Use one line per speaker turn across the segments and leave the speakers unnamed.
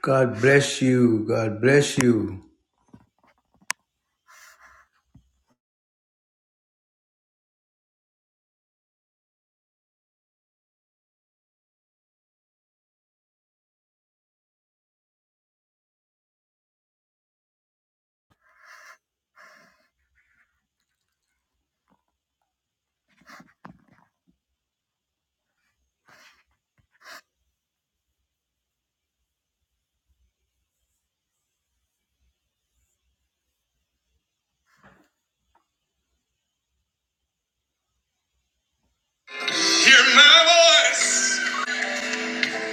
God bless you. God bless you. Hear my voice,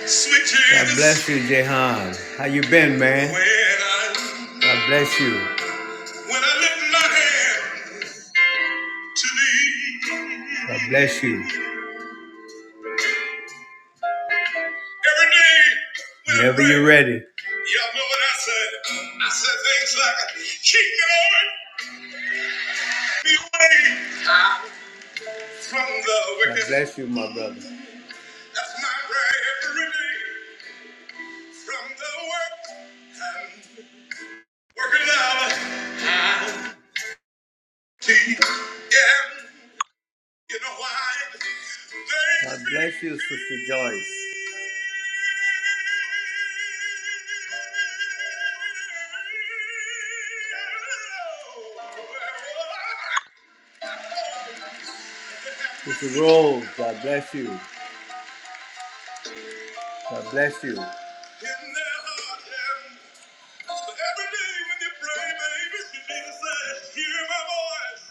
sweet Jesus. God bless you, Jehan. How you been, When man? When I, God bless you. when I lift my hand to thee, God bless you. every day when Whenever I pray, you're ready. y'all know what I said. I said things like, keep me, Lord, be away from the wicked. God bless you, my brother. That's my prayer every day from the work. and Working out time to you. Yeah, you know why? They God bless you, Sister Joyce. Sister Rose, God bless you. God bless you. In their heart and every day when you pray, baby, you need to say, hear my voice.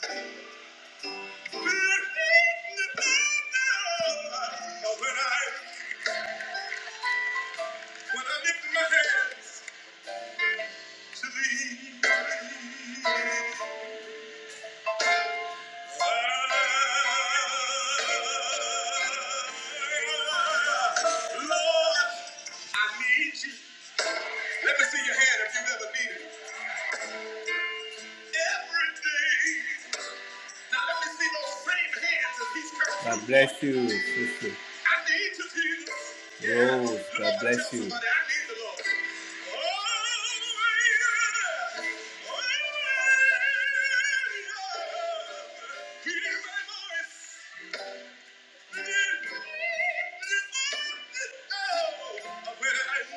Let me see your hand if you've ever needed it. Everything. Now let me see those same hands as he's cursing. God bless you, sister. I need you, Jesus. Yeah. Rose, God bless you. Somebody, I need the Lord. Oh, yeah. Oh, yeah. He is my voice. Oh, when I-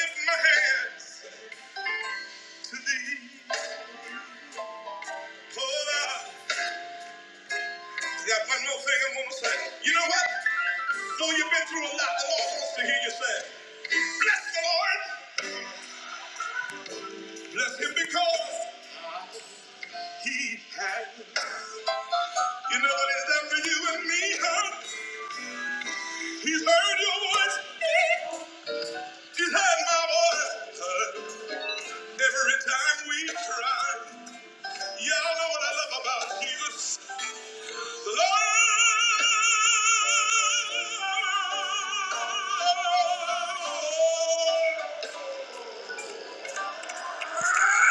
lift my hands to thee, hold up. Got one more thing I'm gonna say. You know what? Though you've been through a lot, the Lord wants to hear you say, Bless the Lord. Bless him because he has. You know what he's done for you and me, huh? He's heard your voice. He's heard my voice. huh? Every time we cry. Y'all know what I love about Jesus. The Lord. Ah!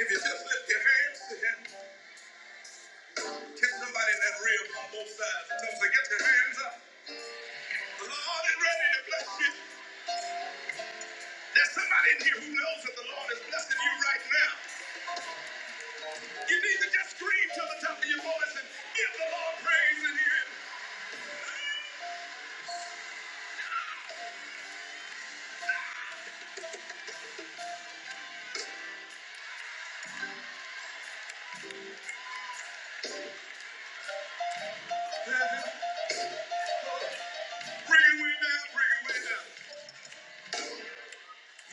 If you just lift your hands to somebody in that rib on both sides. Don't forget your hands up. The Lord is ready to bless you. There's somebody in here who knows that the Lord is blessing you right now. You need to just scream to the top of your voice and give the Lord praise in here. Bring it way down, bring it way down.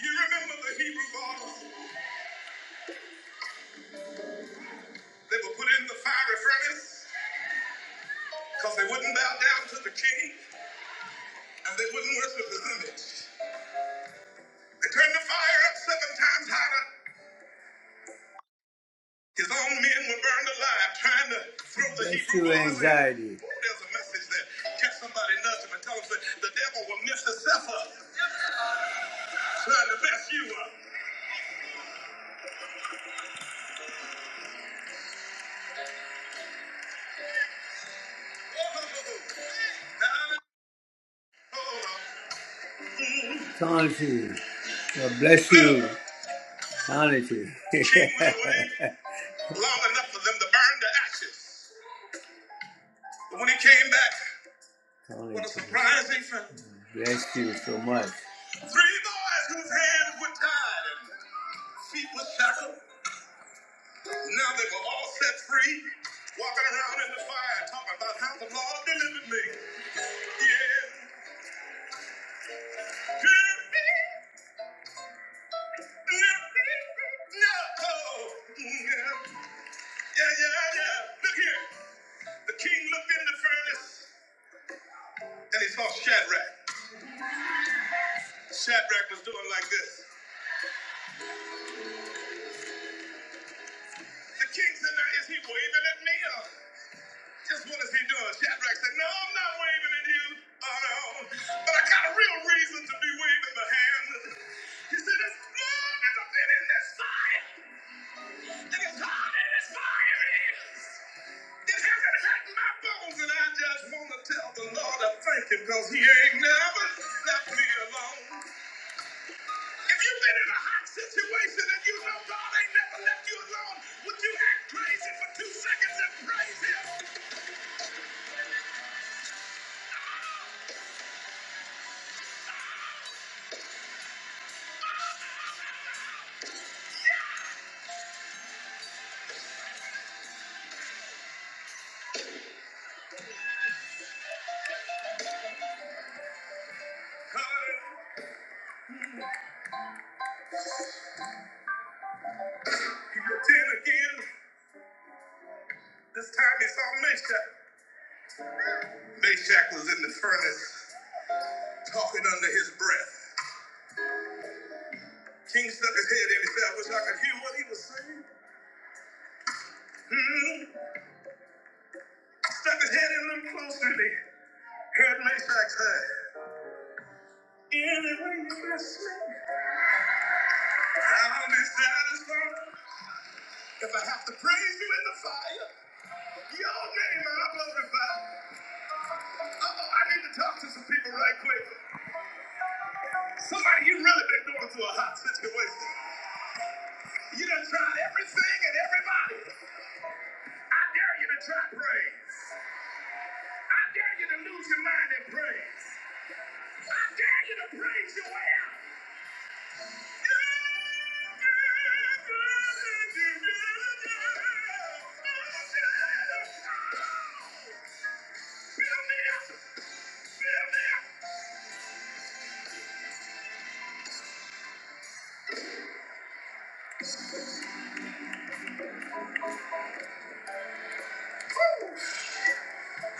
You remember the Hebrew laws? They were put in the fiery furnace because they wouldn't bow down to the king and they wouldn't worship the image. They turned the fire up seven times hotter His own men were burned alive trying to throw the That's Hebrew true anxiety. Oh, there's a message there. Catch somebody, nudge him, and tell him that the devil will miss himself up trying to mess you up. Thank God bless you. Honestly. long enough for them to burn to ashes. But when he came back, Tanti, what a surprising fact. Bless you so much. Three boys whose hands were tied and feet were shackled. Now they were all set free, walking around in the fire, talking about how the Lord delivered me. Yeah. Yeah, yeah, yeah. Look here. The king looked in the furnace and he saw Shadrach. Shadrach was doing like this. The king said, Now is he waving at me? or Just what is he doing? Shadrach said, No, I'm not waving at you. Oh, no. But I got a real reason to be waving my hand. He said, As long as I've been in this fire, and as hot as this fire is, it hasn't hurt my bones. And I just want to tell the Lord I thank him because he ain't never left me alone. If you've been in a hot situation and you know God ain't never left you alone, would you act crazy for two seconds and praise him? Hallelujah. He will did again. This time he saw Meshach. Meshach was in the furnace talking under his breath. King stuck his head in. and He said, I wish I could hear what he was saying. Hmm. Stuck his head in them closer and he heard Meshach say, Anyway, you bless me, I'll be satisfied. If I have to praise you in the fire, your name I'll glorify. Uh-oh, I need to talk to some people right quick. Somebody, you really been going through a hot situation. You done tried everything and everybody. I dare you to try praise. I dare you to lose your mind and praise. I dare you to praise your way out. Fill me up. Fill me up.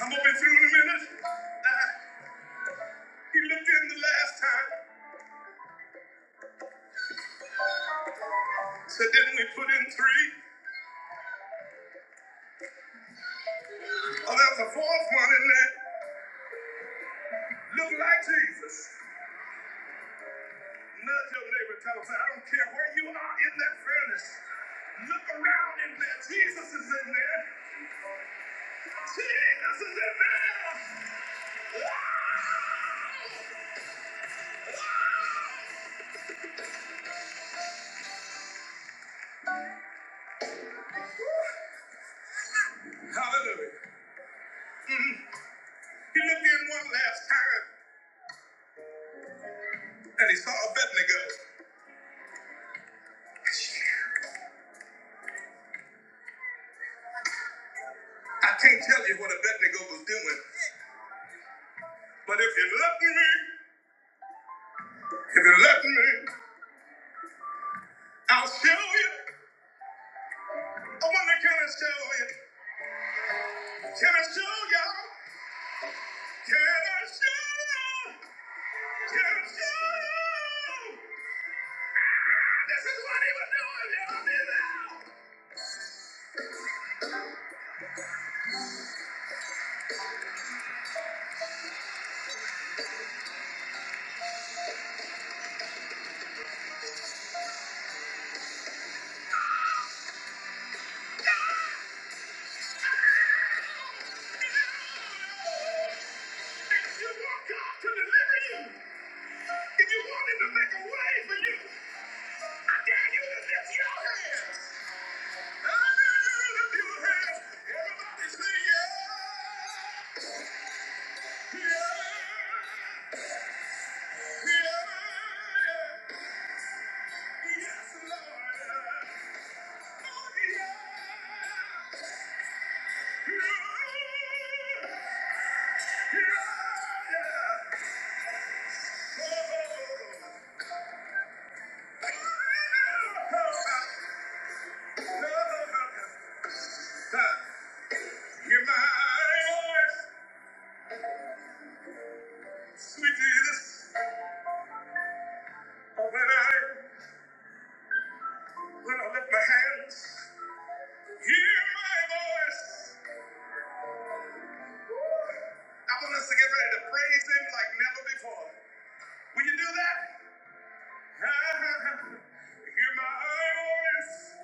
I'm gonna be through in a minute. He looked in the last time. Said, didn't we put in three? Oh, there's a fourth one in there. Look like Jesus. Nudge your neighbor and tell them, say, I don't care where you are in that furnace. Look around in there. Jesus is in there. Jesus is in there. Ah! Hallelujah. Mhm. He looked in one last time and he saw Abednego. I can't tell you what Abednego was doing, but if you let me, if you let me, I'll show you. I wonder, can I show you? Can I show y'all? Can I show you? This is what he was doing. You don't need If you want God to deliver you, if you want him to make a way for you, I dare you to lift your hands. I dare you to lift your hands. Everybody say yeah. Yeah. Yeah. Yeah. Yes, Lord. Oh, yeah. I want us to get ready to praise Him like never before. Will you do that? Hear my voice.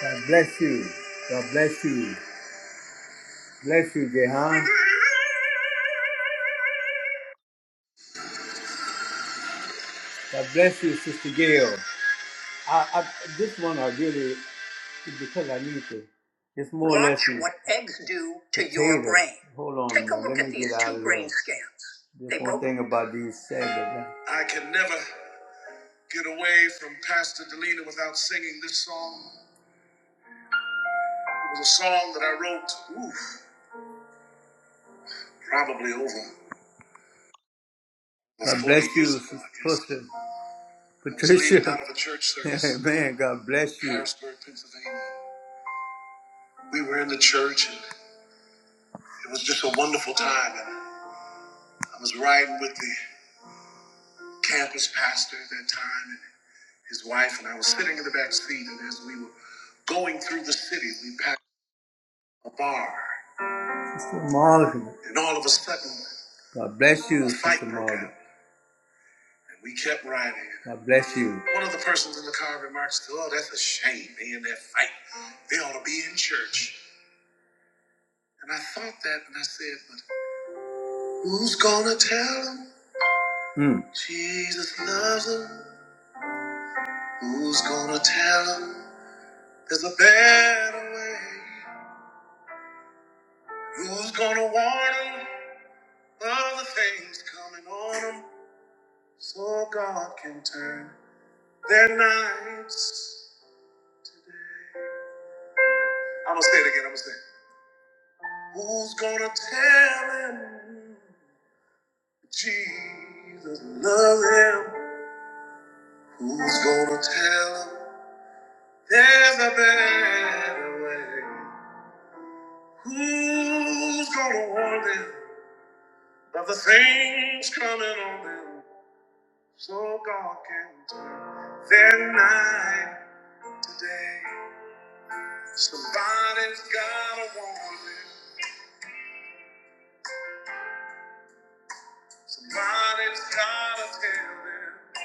God bless you. God bless you. Bless you, Jehan. God bless you, Sister Gail. I, I, this one I really, because I need to. It's more or Watch less. what eggs do to your potato. brain. Hold on. Take a now, look let at me these get out two of brain scans. This They one both- thing about these segments. I can never get away from Pastor Delina without singing this song. It was a song that I wrote, oof, probably over. God bless you, Sister Patricia. Leaving out of a church service. Amen. God bless you. Harrisburg, Pennsylvania. We were in the church. and It was just a wonderful time. And I was riding with the campus pastor at that time and his wife, and I was sitting in the back seat. And as we were going through the city, we passed a bar. Sister Margaret. And all of a sudden, God bless you, fight Sister broke Margaret. And we kept riding. God bless you. One of the persons in the car remarks, Oh, that's a shame. They in that fight. They ought to be in church. And I thought that, and I said, But who's going to tell them? mm. Jesus loves them. Who's gonna tell him there's a better way? Who's gonna warn him of the things coming on him so God can turn their nights? I'm gonna say it again, I'm gonna say it. Who's gonna tell him Jesus loves him? Who's gonna tell him there's a better way? Who's gonna warn them of the things coming on them? So God can turn their night to day. Somebody's gotta warn them. Somebody's gotta tell them.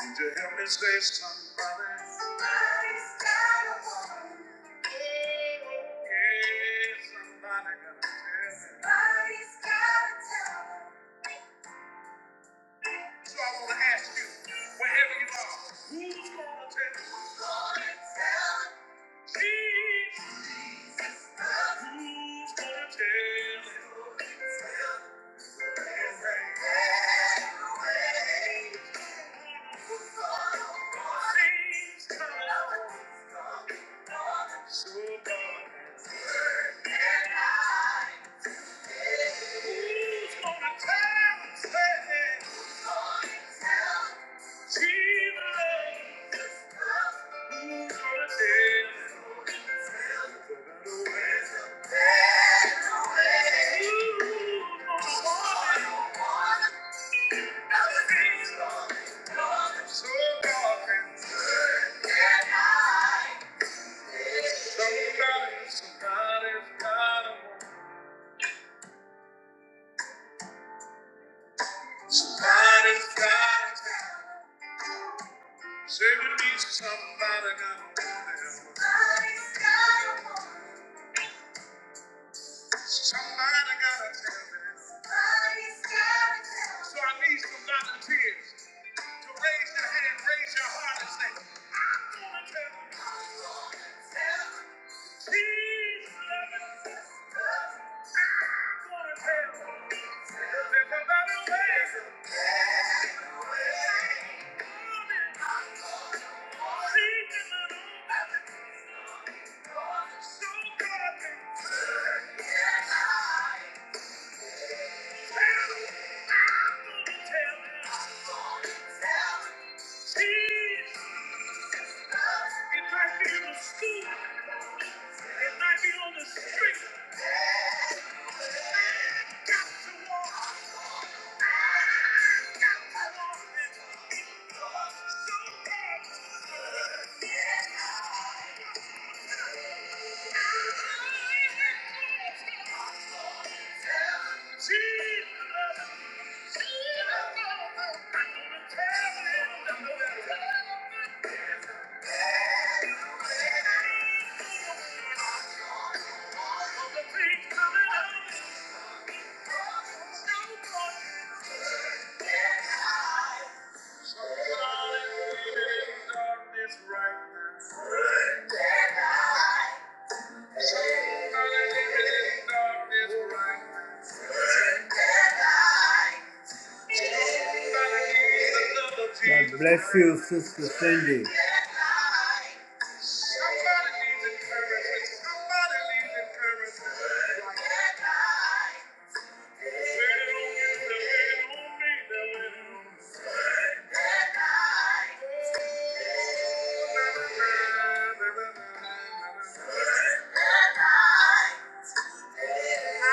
Would you help me say somebody? Somebody's gotta warn them. Yeah, somebody gotta tell them. Somebody's gotta tell them. So I wanna ask you, wherever you are, who's gonna tell them? Who's gonna tell them? Jesus. Who's gonna tell? So God. Who's gonna tell and say Who's gonna tell Jesus Who's gonna tell Who's gonna tell There's a better way Who's gonna want it? Nothing's gonna So dark and good Somebody, somebody's gotta want Somebody's got to Say with me, somebody got to a woman. Somebody's got a woman. Somebody got a woman. Somebody's got to tell woman. So I need some volunteers to raise your hand, raise your heart, and say, I'm gonna tell them. Tell them. Jesus. It might be in the school. It might be on the street. Got to walk. Jesus! Somebody living in darkness right now. God bless you, Sister Cindy. Good night. God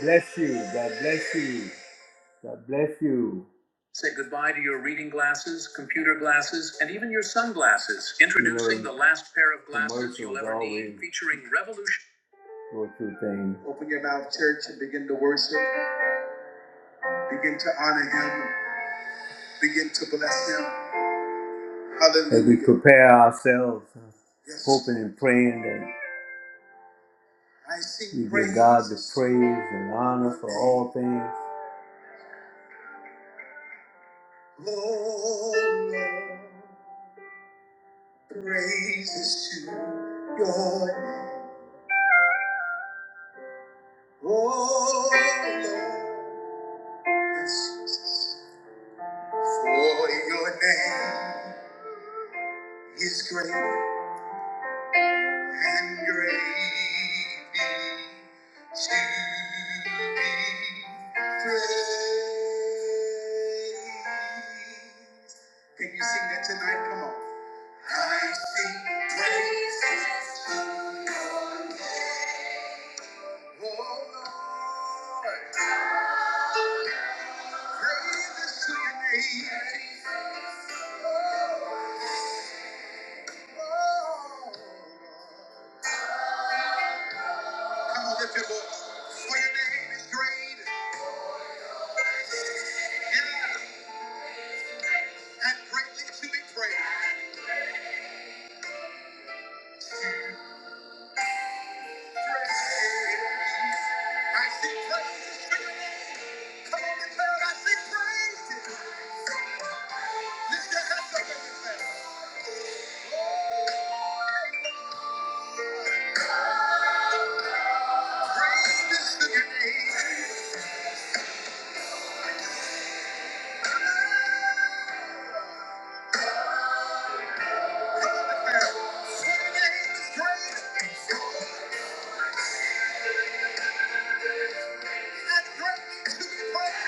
Bless you. God bless you. God bless you. Say goodbye to your reading glasses, computer glasses, and even your sunglasses. Introducing the last pair of glasses you'll ever need, featuring revolution. Go to things. Begin to bless him. Hallelujah. As we prepare ourselves, Yes. hoping and praying that I sing we give God the praise and honor for all things. Oh, Lord, praises to your oh, Lord. Yes, Jesus. For your name is great and greatly to be praised. Can you sing that tonight? Come on. I sing praises to your name, oh Lord. Praises to your name. Come on, lift your voice. For your name is great. Great, great. Lift your hands. For your name is great. And greatly to be praised.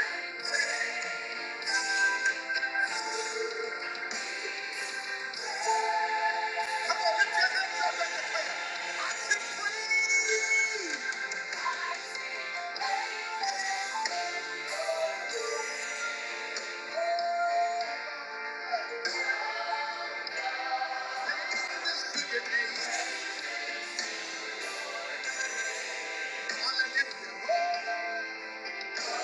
Come on, lift your hands up and declare. I sing praises. Praises to your name. Hallelujah. Oh, Thank you.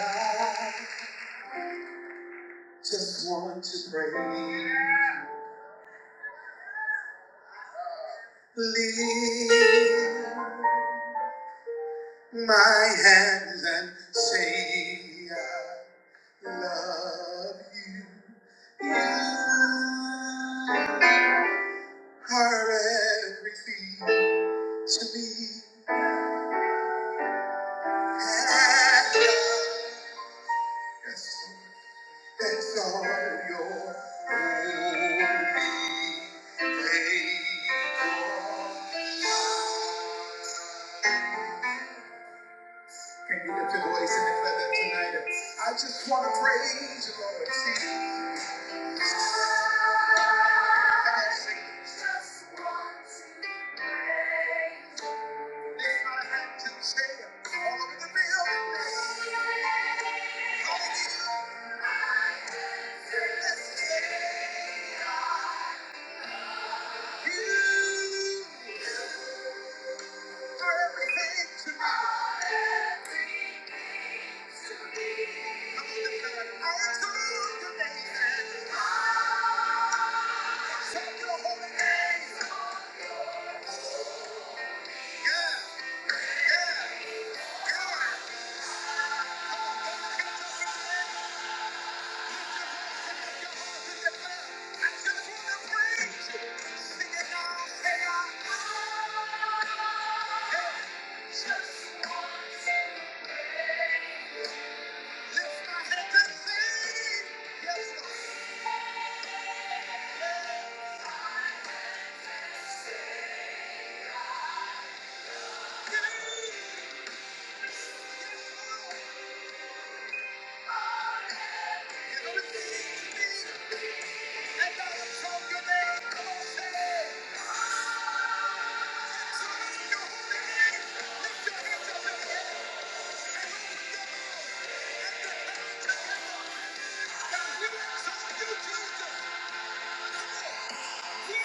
I just want to pray. Lift my hands and say I love you. You are everything to me. And I just thanks all your holy faithfulness. Can you lift your voice and declare that tonight? I just want to praise you, Lord. See, I gotta sing this. Just want to praise Lift my hands and say, all over the building. Hallelujah. Let's say you. Just want to pray. Thank you. Thank you.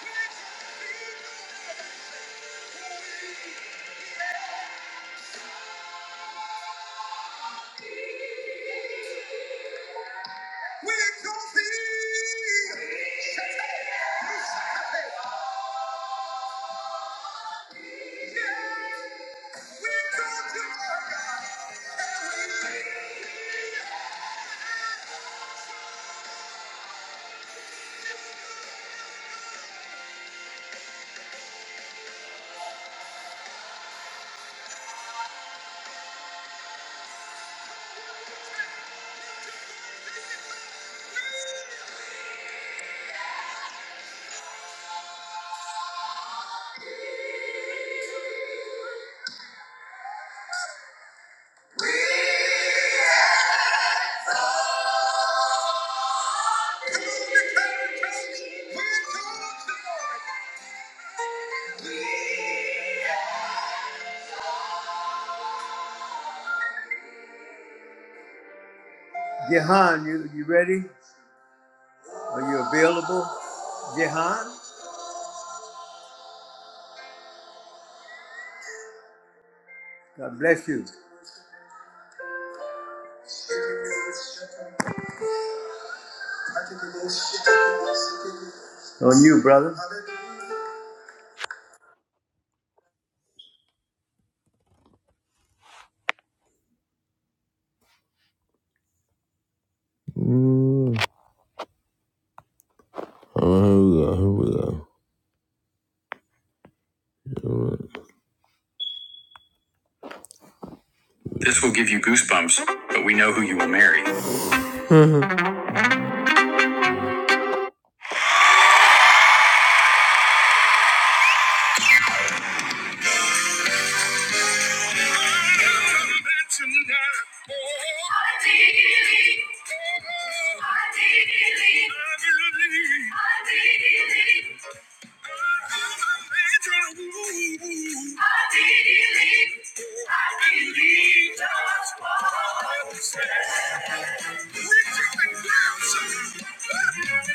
We exalt thee. We exalt you, Lord God. We come on, declare it, church. We exalt you, Lord. We Jehan, you, you ready? Are you available? Jehan, God bless you. On you, brother.
Mm. Oh, here we go. Here we go. Here we go. This will give you goosebumps, but we know who you will marry.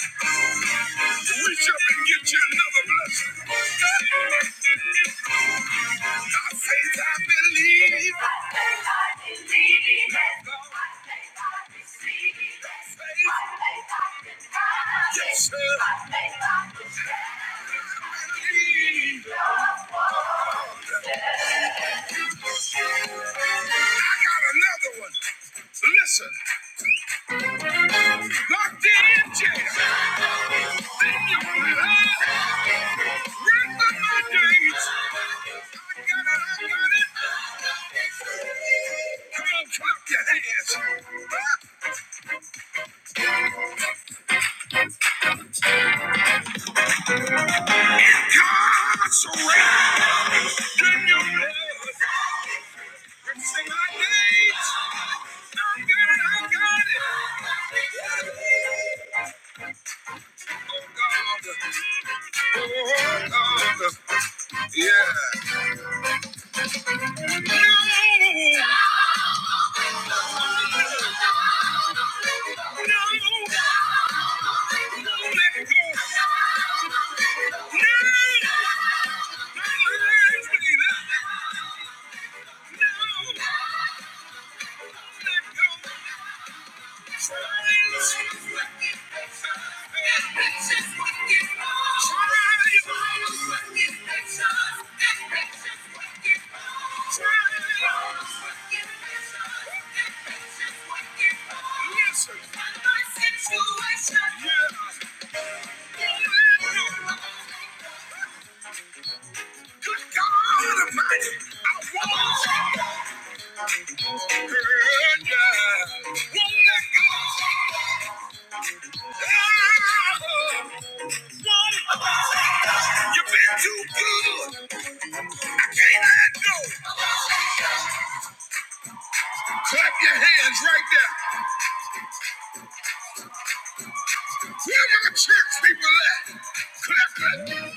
Reach up and get you another blessing. By faith I believe. By faith I believe it. By faith I receive it. By faith I can have it. Yes, sir. By faith I can believe. it. I got another one. Listen, locked in jail. Yeah. No, no, no. Yes, sir. Yeah. Good God Almighty, I won't turn down. Won't let go. Ah, You've been too good. I can't let go. Clap your hands right there. Where my church people at? Clap that.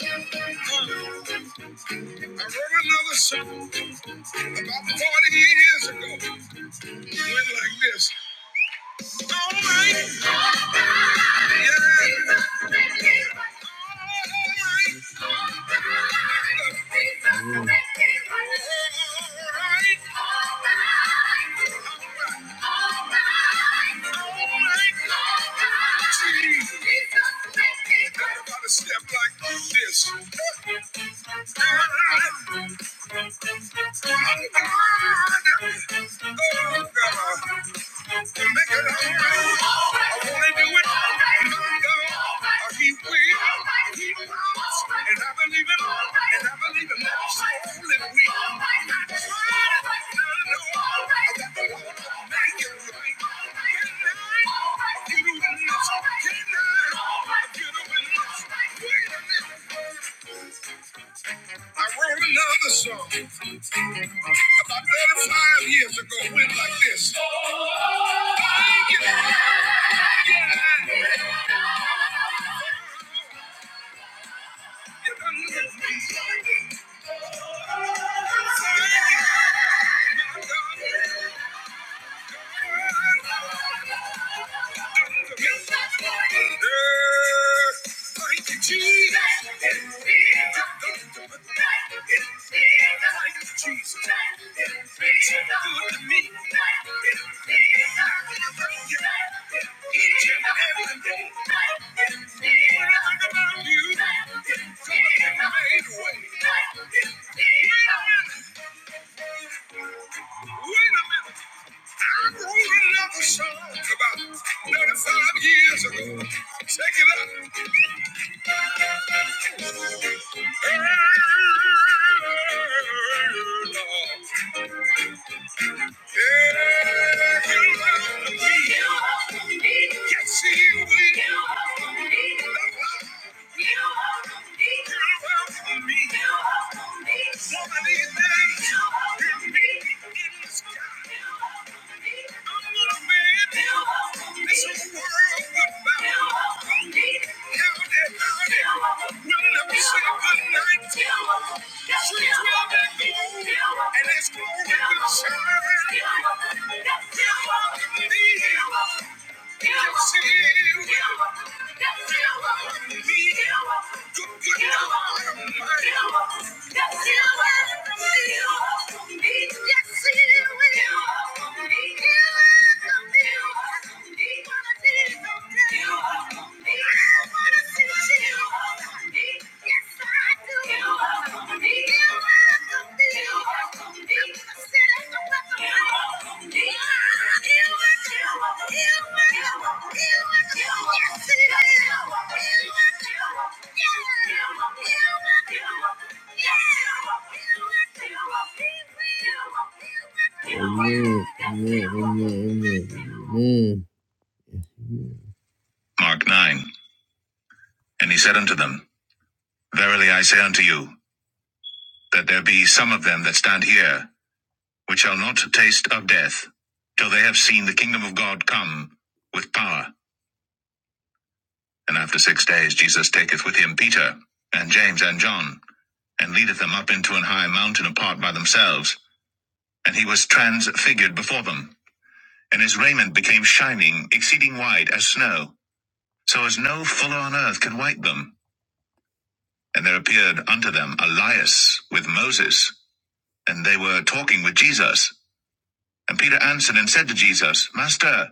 I wrote another song about 40 years ago. It Went like this. Step like this. I wrote another song about 35 years ago, went like this. Yeah. Wait a minute i wrote another song about 35 years ago. Check it out. Hey, Lord. Yeah, he'll love me. Yes, he will. And that's cool. Yes, I do. Amen. Amen. Amen. Amen. Mark 9. And he said unto them, Verily I say unto you, that there be some of them that stand here which shall not taste of death till they have seen the kingdom of God come with power. And after six days Jesus taketh with him Peter and James and John and leadeth them up into an high mountain apart by themselves. And he was transfigured before them, and his raiment became shining, exceeding white as snow, so as no fuller on earth can white them. And there appeared unto them Elias with Moses, and they were talking with Jesus. And Peter answered and said to Jesus, Master,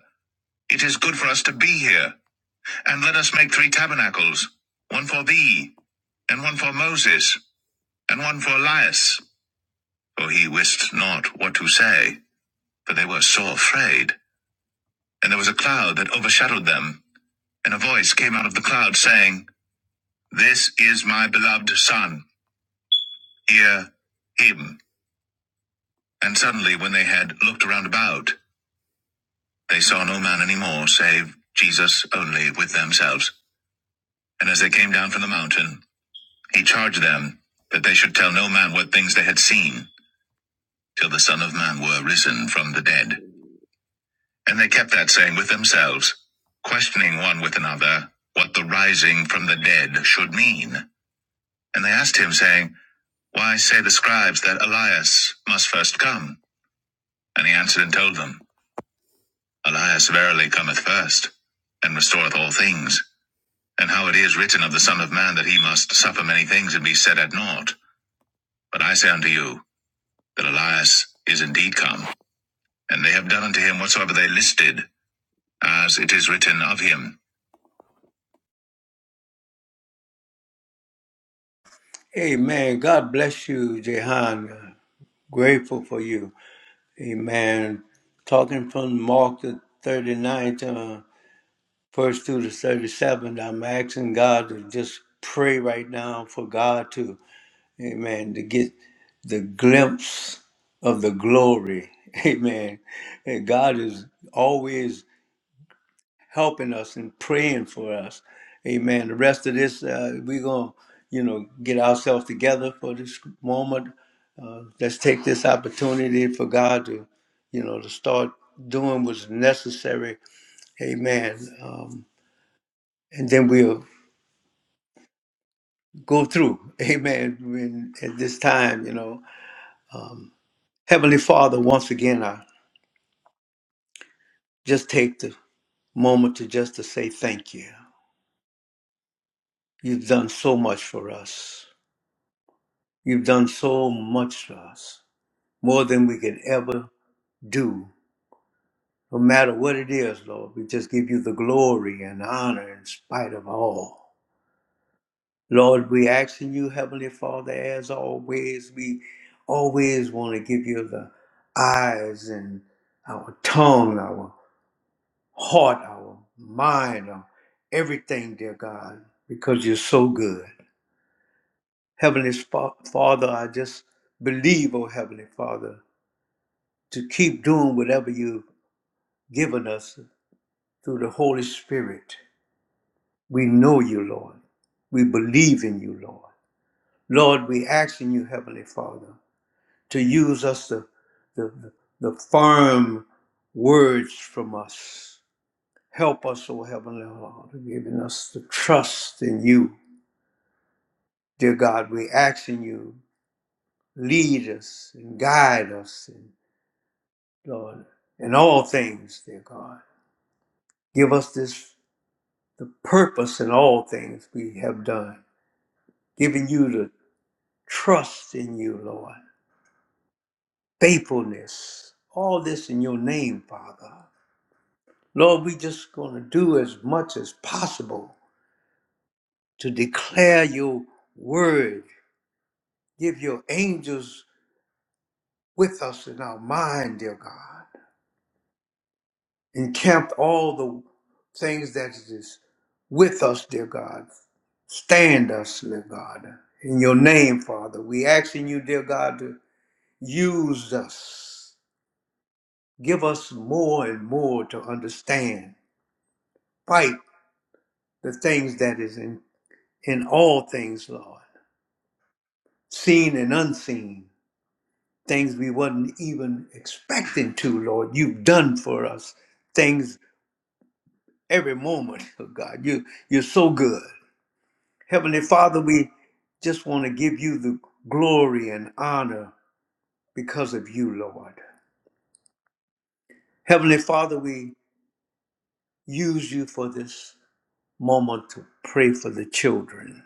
it is good for us to be here. And let us make three tabernacles one for thee, and one for Moses, and one for Elias. For he wist not what to say, for they were sore afraid. And there was a cloud that overshadowed them, and a voice came out of the cloud saying, This is my beloved Son, hear him. And suddenly, when they had looked round about, they saw no man any more, save Jesus only with themselves. And as they came down from the mountain, he charged them that they should tell no man what things they had seen till the Son of Man were risen from the dead. And they kept that saying with themselves, questioning one with another, what the rising from the dead should mean. And they asked him, saying, Why say the scribes that Elias must first come? And he answered and told them, Elias verily cometh first, and restoreth all things. And how it is written of the Son of Man that he must suffer many things and be set at naught. But I say unto you, that Elias is indeed come, and they have done unto him whatsoever they listed as it is written of him.
Amen. God bless you, Jehan. Grateful for you. Amen. Talking from Mark the thirty ninth uh, first through the 37th, I'm asking God to just pray right now for God to, amen, to get the glimpse of the glory. Amen. And God is always helping us and praying for us. Amen. The rest of this, uh, we're going to, you know, get ourselves together for this moment. Uh, let's take this opportunity for God to, you know, to start doing what's necessary. Amen. Um, and then we'll go through. Amen. When, at this time, you know, um, Heavenly Father, once again, I just take the moment to just to say thank you. You've done so much for us. You've done so much for us. more than we can ever do. No matter what it is, Lord, we just give you the glory and honor in spite of all. Lord, we ask in you, Heavenly Father, as always, we always want to give you the eyes and our tongue, our heart, our mind, our everything, dear God, because you're so good. Heavenly Fa- Father, I just believe, oh Heavenly Father, to keep doing whatever you've given us through the Holy Spirit. We know you, Lord. We believe in you, Lord. Lord, we ask in you, Heavenly Father, to use us the, the, the firm words from us. Help us, O Heavenly Father, giving us the trust in you. Dear God, we ask in you, lead us and guide us, and Lord, in all things, dear God. Give us this the purpose in all things we have done, giving you the trust in you, Lord, faithfulness, all this in your name, Father. Lord, we just going to do as much as possible to declare your word. Give your angels with us in our mind, dear God. Encamp all the things that is with us, dear God. Stand us, dear God. In your name, Father, we asking you, dear God, to use us give us more and more to understand. Fight the things that is in, in all things, Lord, seen and unseen, things we wasn't even expecting to, Lord. You've done for us things every moment, oh God. You, you're so good. Heavenly Father, we just want to give you the glory and honor because of you, Lord. Heavenly Father, we use you for this moment to pray for the children.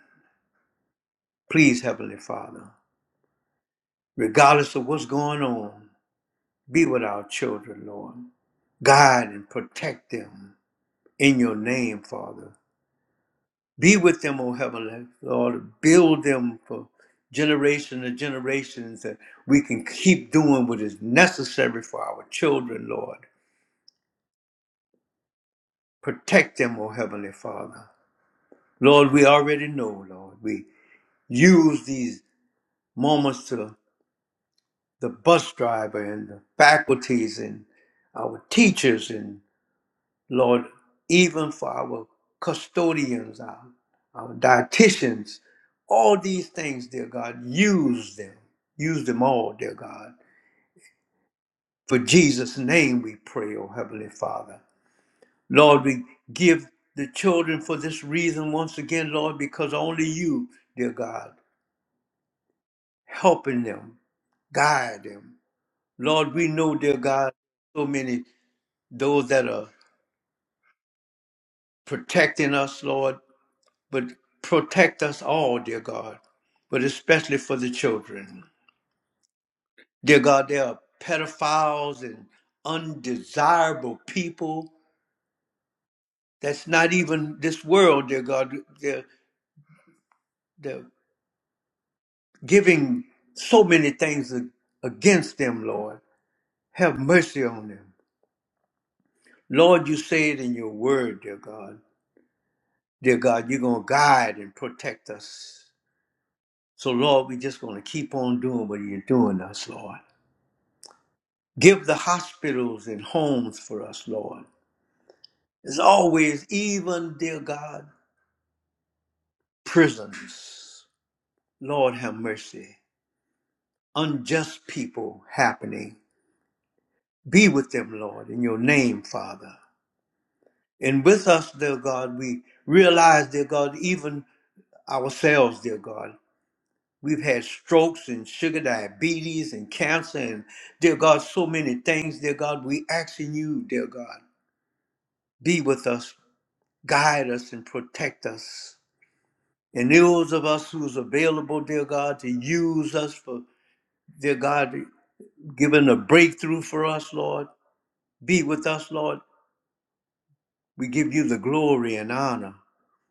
Please, Heavenly Father, regardless of what's going on, be with our children, Lord. Guide and protect them in your name, Father. Be with them, O Heavenly Lord. Build them for generation to generations that we can keep doing what is necessary for our children, Lord. Protect them, O Heavenly Father. Lord, we already know, Lord. We use these moments to the bus driver and the faculties and our teachers and Lord, even for our custodians, our, our dietitians, all these things, dear God, use them. Use them all, dear God. For Jesus' name we pray, O Heavenly Father. Lord, we give the children for this reason once again, Lord, because only you, dear God, helping them, guide them. Lord, we know, dear God, so many those that are protecting us, Lord, but protect us all, dear God, but especially for the children. Dear God, there are pedophiles and undesirable people. That's not even this world, dear God. They're, they're giving so many things against them, Lord. Have mercy on them. Lord, you say it in your word, dear God. Dear God, you're going to guide and protect us. So, Lord, we're just going to keep on doing what you're doing us, Lord. Give the hospitals and homes for us, Lord. As always, even, dear God, prisons. Lord, have mercy. Unjust people happening. Be with them, Lord, in your name, Father. And with us, dear God, we realize, dear God, even ourselves, dear God, we've had strokes and sugar diabetes and cancer and, dear God, so many things, dear God. We asking you, dear God, be with us, guide us, and protect us And those of us who's available, dear God, to use us for, dear God, giving a breakthrough for us, Lord. Be with us, Lord. We give you the glory and honor.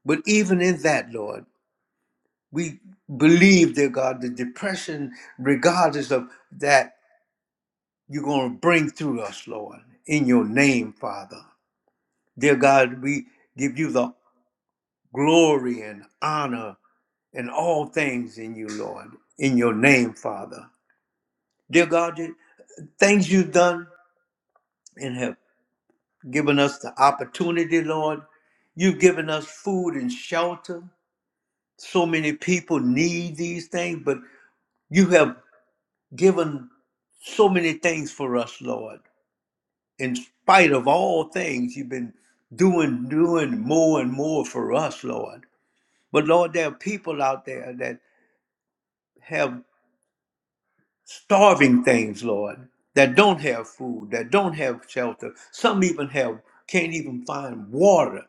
But even in that, Lord, we believe, dear God, the depression, regardless of that, you're going to bring through us, Lord, in your name, Father. Dear God, we give you the glory and honor and all things in you, Lord, in your name, Father. Dear God, things you've done and have given us the opportunity, Lord. You've given us food and shelter. So many people need these things, but you have given so many things for us, Lord. In spite of all things, you've been doing, doing more and more for us, Lord. But Lord, there are people out there that have starving things, Lord, that don't have food, that don't have shelter. Some even have can't even find water.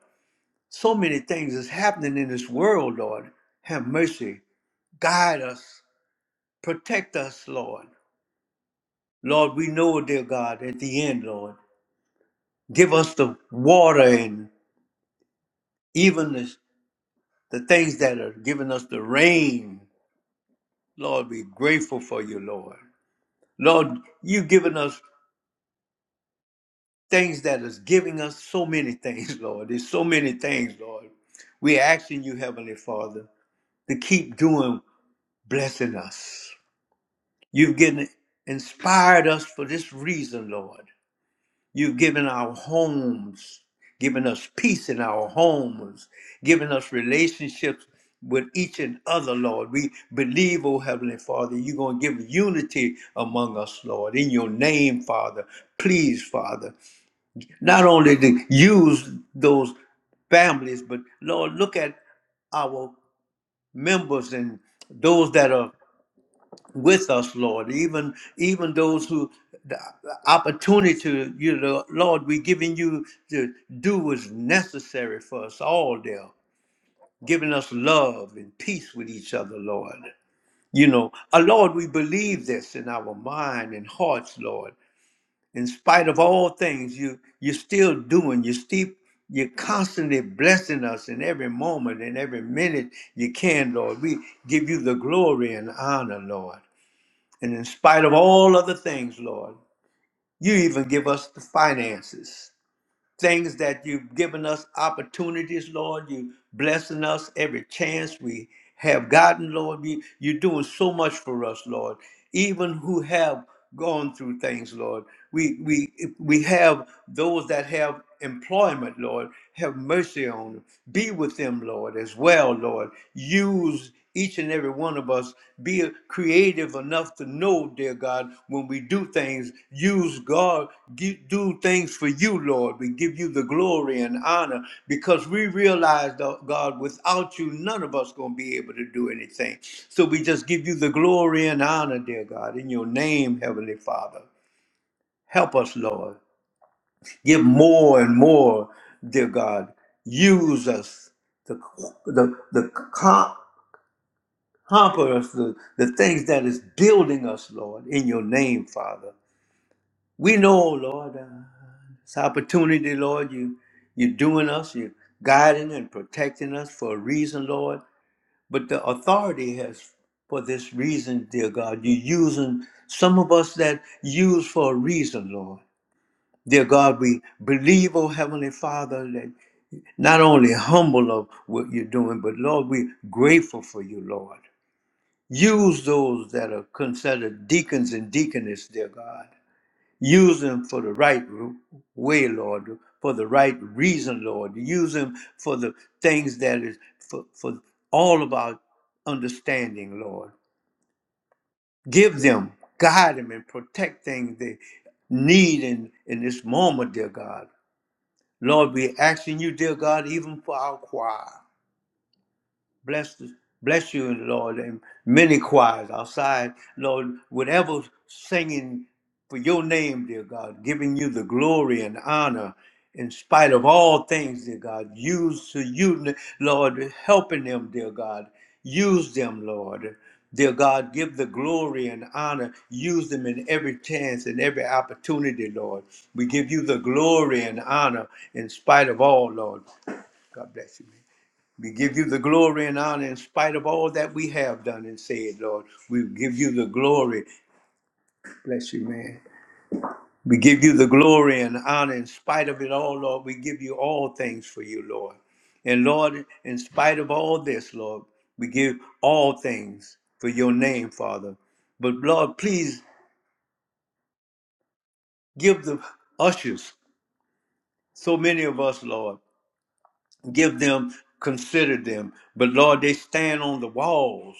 So many things is happening in this world, Lord. Have mercy. Guide us. Protect us, Lord. Lord, we know, dear God, at the end, Lord, give us the water and even the, the things that are giving us the rain. Lord, be grateful for you, Lord. Lord, you've given us things that is giving us so many things, Lord. There's so many things, Lord. We're asking you, Heavenly Father, to keep doing blessing us. You've given inspired us for this reason, Lord. You've given our homes, given us peace in our homes, given us relationships with each and other, Lord. We believe, oh Heavenly Father, you're going to give unity among us, Lord. In your name, Father, please, Father, not only to use those families, but Lord, look at our members and those that are with us, Lord. Even even those who the opportunity to you know, Lord, we giving you to do what's necessary for us all there, giving us love and peace with each other, Lord. You know, uh, Lord, we believe this in our mind and hearts, Lord. In spite of all things, you you're still doing, you still you're constantly blessing us in every moment and every minute you can, Lord. We give you the glory and honor, Lord. And in spite of all other things, Lord, you even give us the finances, things that you've given us opportunities, Lord. You blessing us every chance we have gotten, Lord. You, you're doing so much for us, Lord. Even who have gone through things, Lord. We we we have those that have employment, Lord. Have mercy on them. Be with them, Lord, as well, Lord. Use each and every one of us be creative enough to know, dear God, when we do things, use God, gi- do things for you, Lord. We give you the glory and honor because we realize, though, God, without you, none of us going to be able to do anything. So we just give you the glory and honor, dear God, in your name, Heavenly Father. Help us, Lord. Give more and more, dear God. Use us the the the Hamper us the, the things that is building us, Lord, in your name, Father. We know, Lord, uh, this opportunity, Lord, you, you're doing us, you're guiding and protecting us for a reason, Lord. But the authority has, for this reason, dear God, you're using some of us that use for a reason, Lord. Dear God, we believe, oh Heavenly Father, that not only humble of what you're doing, but Lord, we're grateful for you, Lord. Use those that are considered deacons and deaconess, dear God. Use them for the right ru- way, Lord, for the right reason, Lord. Use them for the things that is for, for all of our understanding, Lord. Give them, guide them, and protect things they need in, in this moment, dear God. Lord, we're asking you, dear God, even for our choir. Bless, bless you, Lord, and many choirs outside, Lord, whatever singing for your name, dear God, giving you the glory and honor in spite of all things, dear God. Use to you, Lord, helping them, dear God. Use them, Lord. Dear God, give the glory and honor. Use them in every chance and every opportunity, Lord. We give you the glory and honor in spite of all, Lord. God bless you, man. We give you the glory and honor in spite of all that we have done and said, Lord. We give you the glory. Bless you, man. We give you the glory and honor in spite of it all, Lord. We give you all things for you, Lord. And Lord, in spite of all this, Lord, we give all things for your name, Father. But Lord, please give the ushers, so many of us, Lord, give them, consider them. But Lord, they stand on the walls.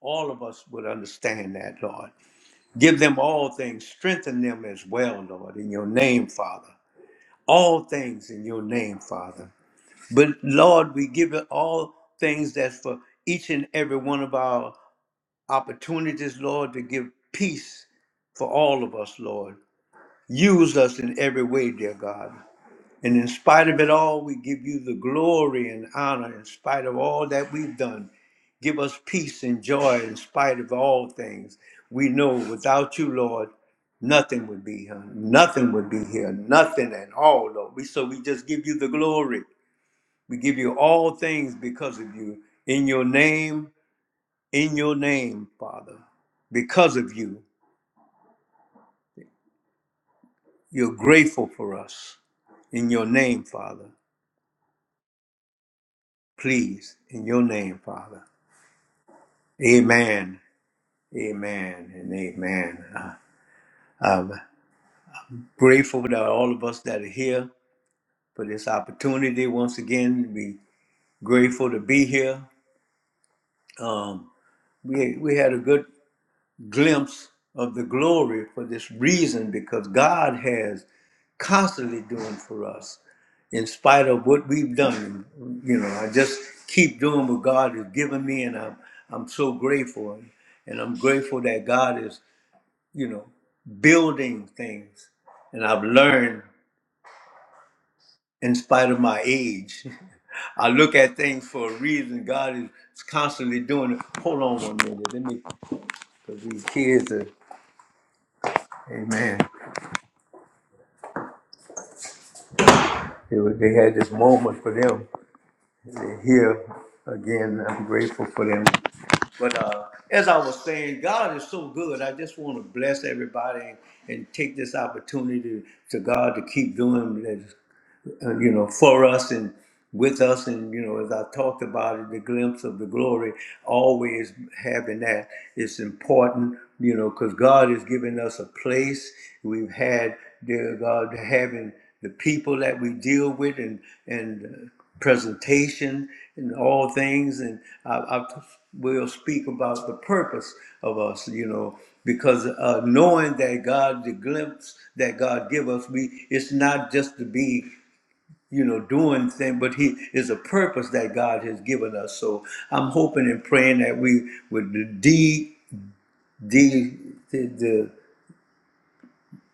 All of us would understand that, Lord. Give them all things. Strengthen them as well, Lord, in your name, Father. All things in your name, Father. But Lord, we give it all things that's for each and every one of our opportunities, Lord, to give peace for all of us, Lord. Use us in every way, dear God. And in spite of it all, we give you the glory and honor in spite of all that we've done. Give us peace and joy in spite of all things. We know without you, Lord, nothing would be here. Nothing would be here. Nothing at all, Lord. We, so we just give you the glory. We give you all things because of you. In your name, in your name, Father. Because of you, you're grateful for us. In your name, Father. Please, in your name, Father. Amen. Amen. And amen. Uh, I'm grateful that all of us that are here for this opportunity once again. Be grateful to be here. Um, we we had a good glimpse of the glory for this reason because God has constantly doing for us in spite of what we've done. You know, I just keep doing what God has given me, and I'm I'm so grateful, and I'm grateful that God is you know, building things. And I've learned, in spite of my age, I look at things for a reason. God is constantly doing it. Hold on one minute. Let me, because these kids are, amen. They, were- they had this moment for them. They're here again. I'm grateful for them. But uh, as I was saying, God is so good. I just want to bless everybody and, and take this opportunity to God to keep doing this. uh, you know, for us and with us. And, you know, as I talked about it, the glimpse of the glory, always having that is important, you know, because God has given us a place. We've had, dear God, having the people that we deal with and, and uh, presentation and all things. And I, I will speak about the purpose of us, you know, because uh, knowing that God, the glimpse that God give us, we it's not just to be you know, doing things, but he is a purpose that God has given us. So I'm hoping and praying that we would. the D D the, the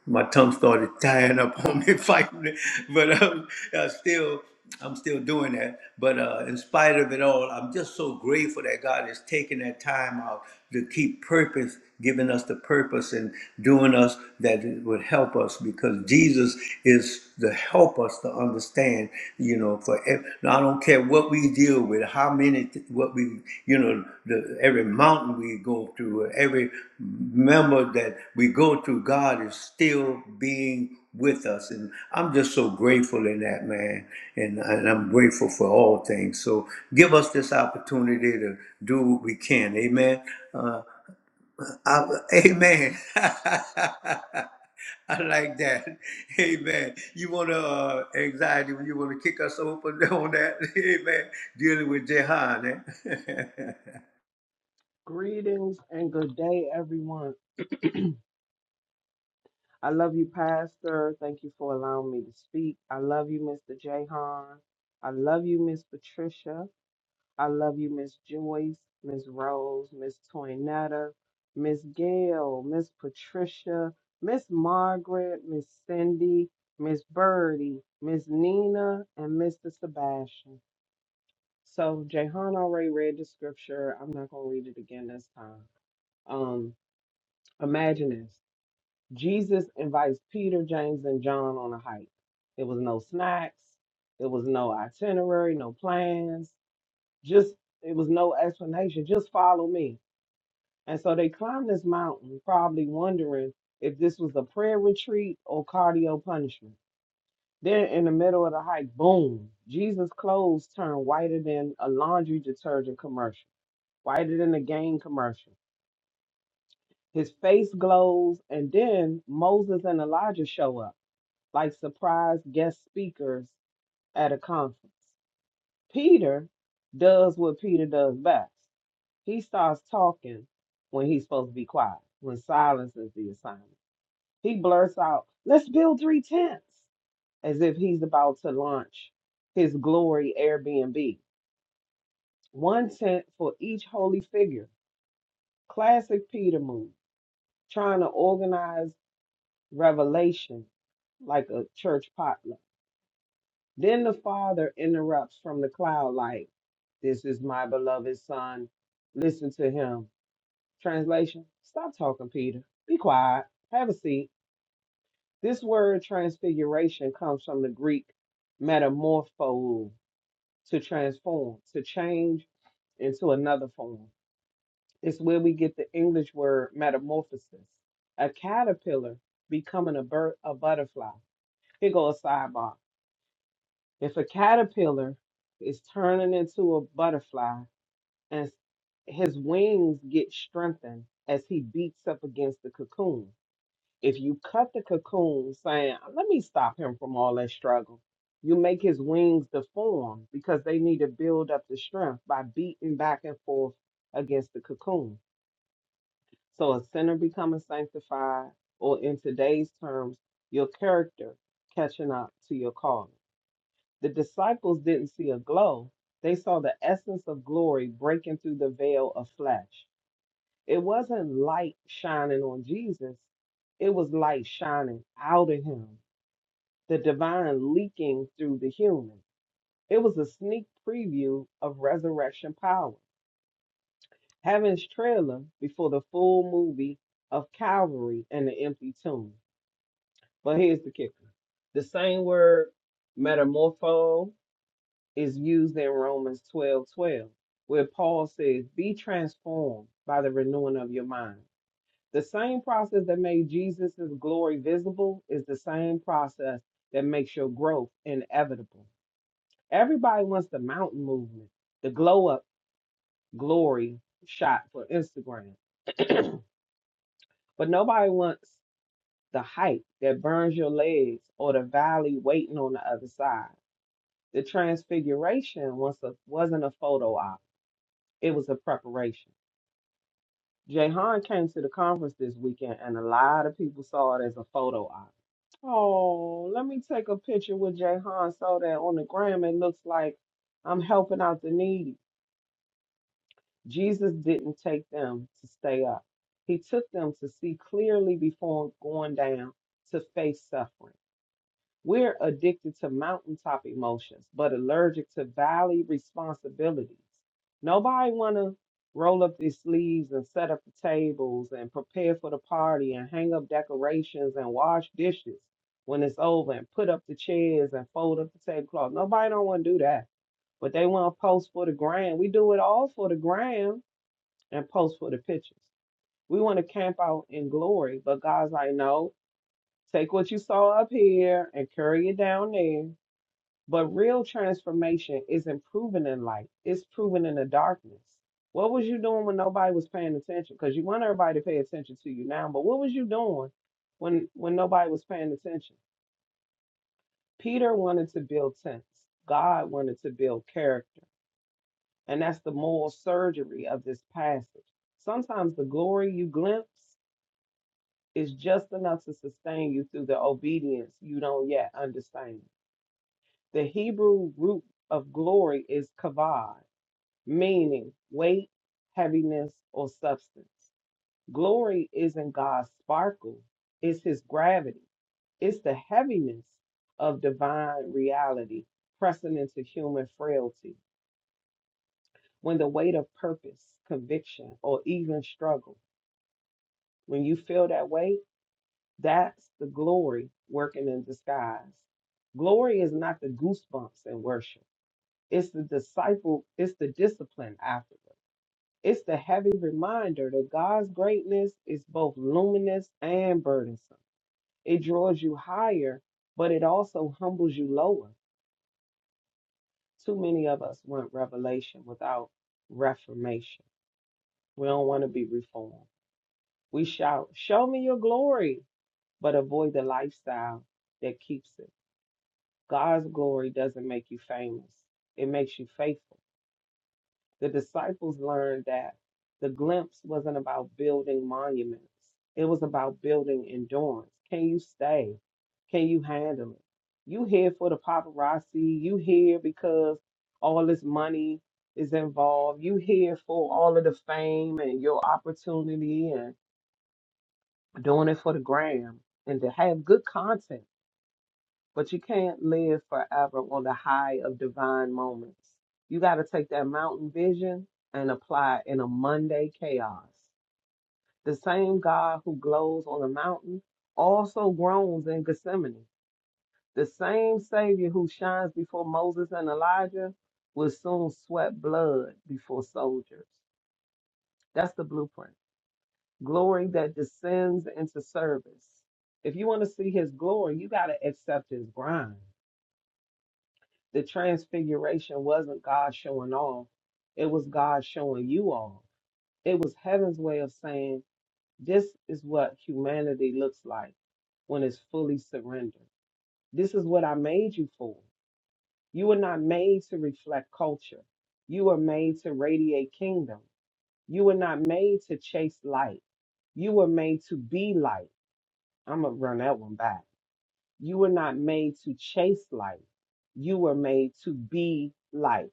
my tongue started tying up on me fighting, it, but um, I still I'm still doing that. But uh, in spite of it all, I'm just so grateful that God is taking that time out to keep purpose, giving us the purpose and doing us that it would help us because Jesus is to help us to understand, you know, for ev- I don't care what we deal with, how many, what we, you know, the, every mountain we go through, every member that we go through, God is still being with us. And I'm just so grateful in that, man. And, and I'm grateful for all things. So give us this opportunity to do what we can. Amen. Uh, uh, amen. I like that. Amen. You want to uh, anxiety when you want to kick us open on that? Amen. Dealing with Jehan. Eh?
Greetings and good day, everyone. I love you, Pastor. Thank you for allowing me to speak. I love you, Mr. Jahan. I love you, Miss Patricia. I love you, Miss Joyce, Miss Rose, Miss Toinetta, Miss Gail, Miss Patricia, Miss Margaret, Miss Cindy, Miss Birdie, Miss Nina, and Mr. Sebastian. So Jahan already read the scripture. I'm not gonna read it again this time. Um, imagine this. Jesus invites Peter, James, and John on a hike. It was no snacks, it was no itinerary, no plans, just it was no explanation. Just follow me. And so they climbed this mountain, probably wondering if this was a prayer retreat or cardio punishment. Then in the middle of the hike, boom, Jesus' clothes turned whiter than a laundry detergent commercial, whiter than a game commercial. His face glows, and then Moses and Elijah show up like surprise guest speakers at a conference. Peter does what Peter does best. He starts talking when he's supposed to be quiet, when silence is the assignment. He blurts out, let's build three tents, as if he's about to launch his glory Airbnb. One tent for each holy figure. Classic Peter move, trying to organize revelation like a church potluck. Then the Father interrupts from the cloud like, This is my beloved Son. Listen to him. Translation Stop talking, Peter. Be quiet. Have a seat. This word transfiguration comes from the Greek metamorpho, to transform, to change into another form. It's where we get the English word metamorphosis, a caterpillar becoming a, bir- a butterfly. Here goes a sidebar. If a caterpillar is turning into a butterfly and s- his wings get strengthened as he beats up against the cocoon, if you cut the cocoon saying, let me stop him from all that struggle, you make his wings deform because they need to build up the strength by beating back and forth against the cocoon. So a sinner becoming sanctified, or in today's terms, your character catching up to your calling. The disciples didn't see a glow, they saw the essence of glory breaking through the veil of flesh. It wasn't light shining on Jesus, it was light shining out of him, the divine leaking through the human. It was a sneak preview of resurrection power. Heaven's trailer before the full movie of Calvary and the empty tomb. But here's the kicker the same word, metamorpho, is used in Romans 12 12, where Paul says, Be transformed by the renewing of your mind. The same process that made Jesus' glory visible is the same process that makes your growth inevitable. Everybody wants the mountain movement, the glow up glory shot for Instagram, but nobody wants the hype that burns your legs or the valley waiting on the other side. The transfiguration was a, wasn't a photo op, it was a preparation. Jayhan came to the conference this weekend, and a lot of people saw it as a photo op. Oh, let me take a picture with Jayhan so that on the gram it looks like I'm helping out the needy. Jesus didn't take them to stay up. He took them to see clearly before going down to face suffering. We're addicted to mountaintop emotions, but allergic to valley responsibilities. Nobody want to roll up their sleeves and set up the tables and prepare for the party and hang up decorations and wash dishes when it's over and put up the chairs and fold up the tablecloth. Nobody don't want to do that, but they want to post for the gram. We do it all for the gram and post for the pictures. We want to camp out in glory, but God's like, no, take what you saw up here and carry it down there but real transformation isn't proven in light, it's proven in the darkness. What was you doing when nobody was paying attention? Because you want everybody to pay attention to you now, but what was you doing when when nobody was paying attention? Peter wanted to build tents. God wanted to build character. And that's the moral surgery of this passage. Sometimes the glory you glimpse is just enough to sustain you through the obedience you don't yet understand. The Hebrew root of glory is kavod meaning weight, heaviness, or substance. Glory isn't God's sparkle, it's his gravity. It's the heaviness of divine reality pressing into human frailty. When the weight of purpose, conviction, or even struggle, when you feel that weight, that's the glory working in disguise. Glory is not the goosebumps in worship. It's the disciple, it's the discipline afterwards. It's the heavy reminder that God's greatness is both luminous and burdensome. It draws you higher, but it also humbles you lower. Too many of us want revelation without reformation. We don't want to be reformed. We shout, Show me your glory, but avoid the lifestyle that keeps it. God's glory doesn't make you famous, it makes you faithful. The disciples learned that the glimpse wasn't about building monuments, it was about building endurance. Can you stay? Can you handle it? You here for the paparazzi, you here because all this money is involved, you here for all of the fame and your opportunity and doing it for the gram and to have good content. But you can't live forever on the high of divine moments. You got to take that mountain vision and apply it in a Monday chaos. The same God who glows on the mountain also groans in Gethsemane. The same Savior who shines before Moses and Elijah will soon sweat blood before soldiers. That's the blueprint. Glory that descends into service. If you want to see his glory, you got to accept his grind. the transfiguration wasn't God showing off, it was God showing you all. It was heaven's way of saying, This is what humanity looks like when it's fully surrendered. This is what I made you for. You were not made to reflect culture, you were made to radiate kingdom. You were not made to chase light, you were made to be light. I'm going to run that one back. You were not made to chase light. You were made to be light.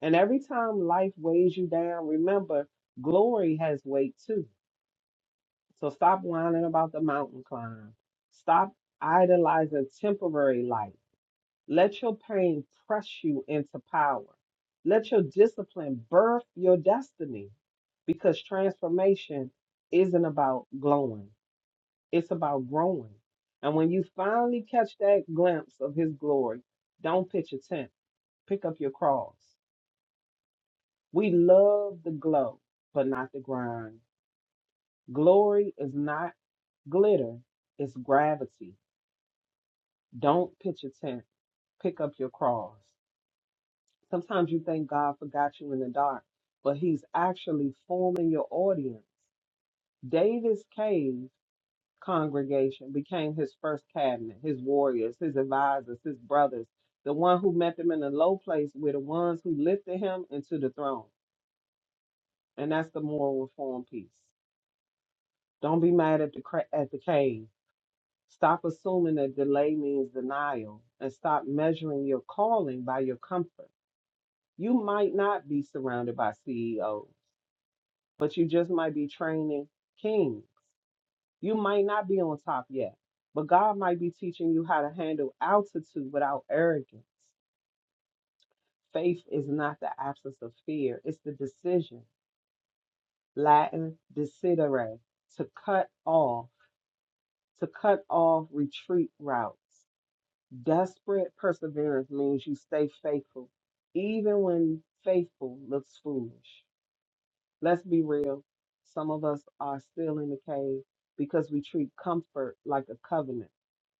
And every time life weighs you down, remember glory has weight too. So stop whining about the mountain climb. Stop idolizing temporary life. Let your pain press you into power. Let your discipline birth your destiny because transformation isn't about glowing, it's about growing. And when you finally catch that glimpse of his glory, don't pitch a tent, pick up your cross. We love the glow, but not the grind. Glory is not glitter, it's gravity. Don't pitch a tent, pick up your cross. Sometimes you think God forgot you in the dark, but He's actually forming your audience. Davis Cave congregation became his first cabinet, his warriors, his advisors, his brothers, the one who met them in the low place were the ones who lifted him into the throne. And that's the moral reform piece. Don't be mad at the cra- at the cave. Stop assuming that delay means denial, and stop measuring your calling by your comfort. You might not be surrounded by CEOs, but you just might be training kings. You might not be on top yet, but God might be teaching you how to handle altitude without arrogance. Faith is not the absence of fear; it's the decision. Latin decidere, to cut off, to cut off retreat routes Desperate perseverance means you stay faithful, even when faithful looks foolish. Let's be real. Some of us are still in the cave because we treat comfort like a covenant.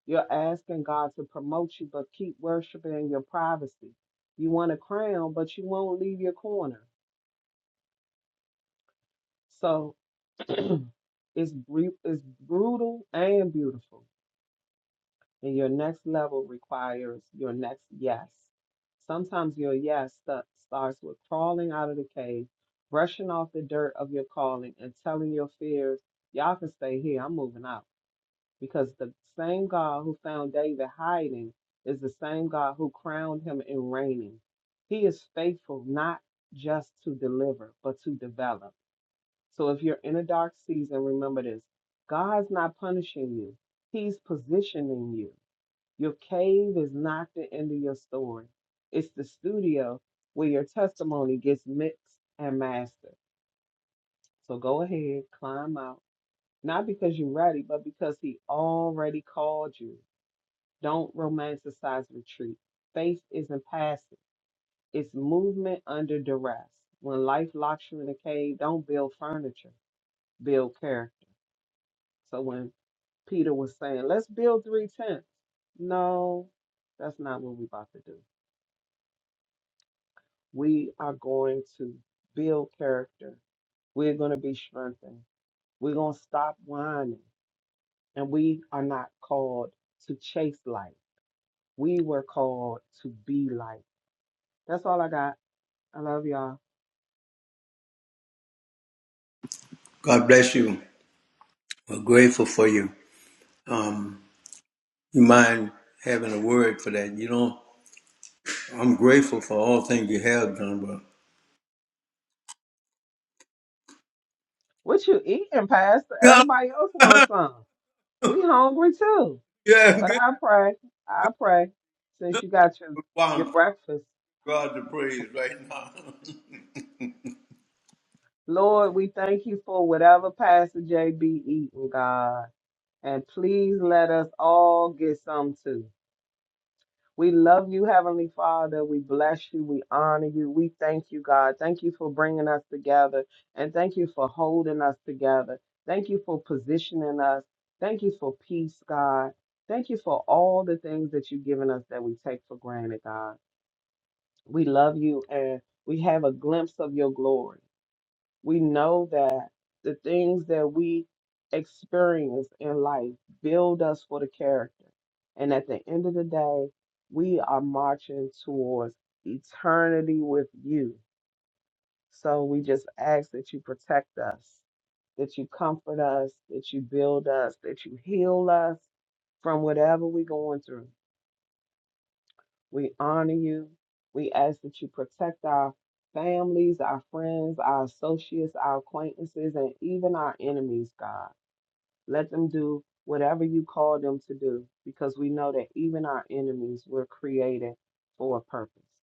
You're asking God to promote you, but keep worshiping in your privacy. You want a crown, but you won't leave your corner. So it's, bru- it's brutal and beautiful. And your next level requires your next yes. Sometimes your yes sta- starts with crawling out of the cave, brushing off the dirt of your calling, and telling your fears, y'all can stay here, I'm moving out. Because the same God who found David hiding is the same God who crowned him in reigning. He is faithful not just to deliver, but to develop. So if you're in a dark season, remember this God's not punishing you, He's positioning you. Your cave is not the end of your story. It's the studio where your testimony gets mixed and mastered. So go ahead, climb out. Not because you're ready, but because he already called you. Don't romanticize retreat. Faith isn't passive, it's movement under duress. When life locks you in a cave, don't build furniture, build character. So when Peter was saying, let's build three tents, no, that's not what we're about to do. We are going to build character. We're going to be strengthened. We're going to stop whining. And we are not called to chase light. We were called to be light. That's all I got. I love y'all.
God bless you. We're grateful for you. Um, you mind having a word for that? You know, I'm grateful for all things you have done. But
What you eating, Pastor?
yeah,
Everybody else wants some. We hungry too.
yeah, I'm
But
good.
I pray, I pray, since you got your, your
Wow, I'm
breakfast,
God to praise right now.
Lord, we thank you for whatever Pastor JB eating, God. And please let us all get some too. We love you, Heavenly Father. We bless you. We honor you. We thank you, God. Thank you for bringing us together. And thank you for holding us together. Thank you for positioning us. Thank you for peace, God. Thank you for all the things that you've given us that we take for granted, God. We love you and we have a glimpse of your glory we know that the things that we experience in life build us for the character. And at the end of the day, we are marching towards eternity with you. So we just ask that you protect us, that you comfort us, that you build us, that you heal us from whatever we're going through. We honor you. We ask that you protect our families, our friends, our associates, our acquaintances, and even our enemies, God. Let them do whatever you call them to do because we know that even our enemies were created for a purpose.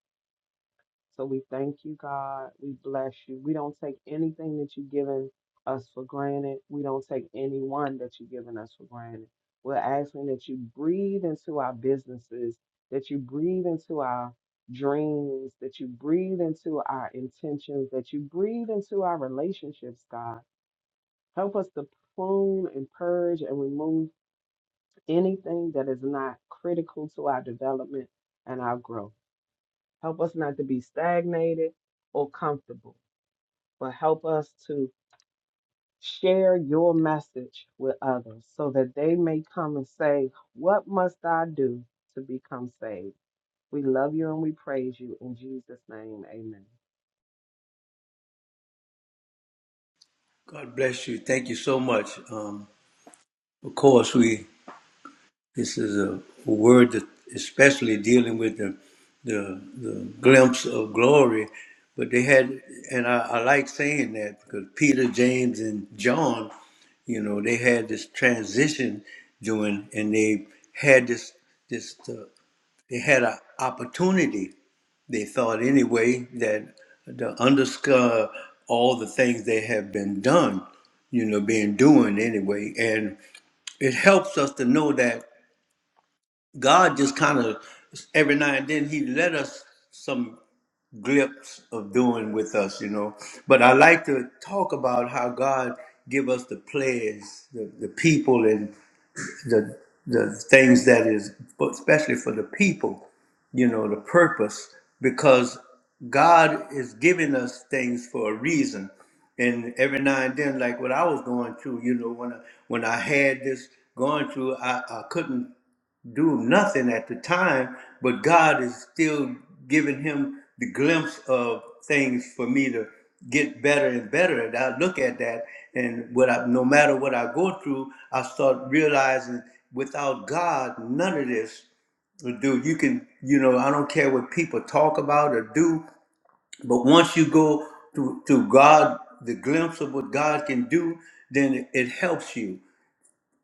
So we thank you, God. We bless you. We don't take anything that you've given us for granted. We don't take anyone that you've given us for granted. We're asking that you breathe into our businesses, that you breathe into our dreams, that you breathe into our intentions, that you breathe into our relationships, God. Help us to prune and purge and remove anything that is not critical to our development and our growth. Help us not to be stagnated or comfortable, but help us to share your message with others so that they may come and say, What must I do to become saved? We love you and we praise you. In Jesus' name, amen.
God bless you. Thank you so much. Um, of course, we This is a, a word that especially dealing with the, the the glimpse of glory. But they had, and I, I like saying that because Peter, James, and John, you know, they had this transition doing, and they had this this uh, they had an opportunity. They thought anyway that to underscore all the things they have been done, you know, being doing anyway, and it helps us to know that God just kind of every now and then He let us some glimpse of doing with us, you know. But I like to talk about how God give us the players, the, the people, and the the things that is, but especially for the people, you know, the purpose, because God is giving us things for a reason. And every now and then, like what I was going through, you know, when I, when I had this going through, I, I couldn't do nothing at the time, but God is still giving him the glimpse of things for me to get better and better. And I look at that, and what I, no matter what I go through, I start realizing without God, none of this will do. You can, you know, I don't care what people talk about or do, but once you go to to God, the glimpse of what God can do, then it, it helps you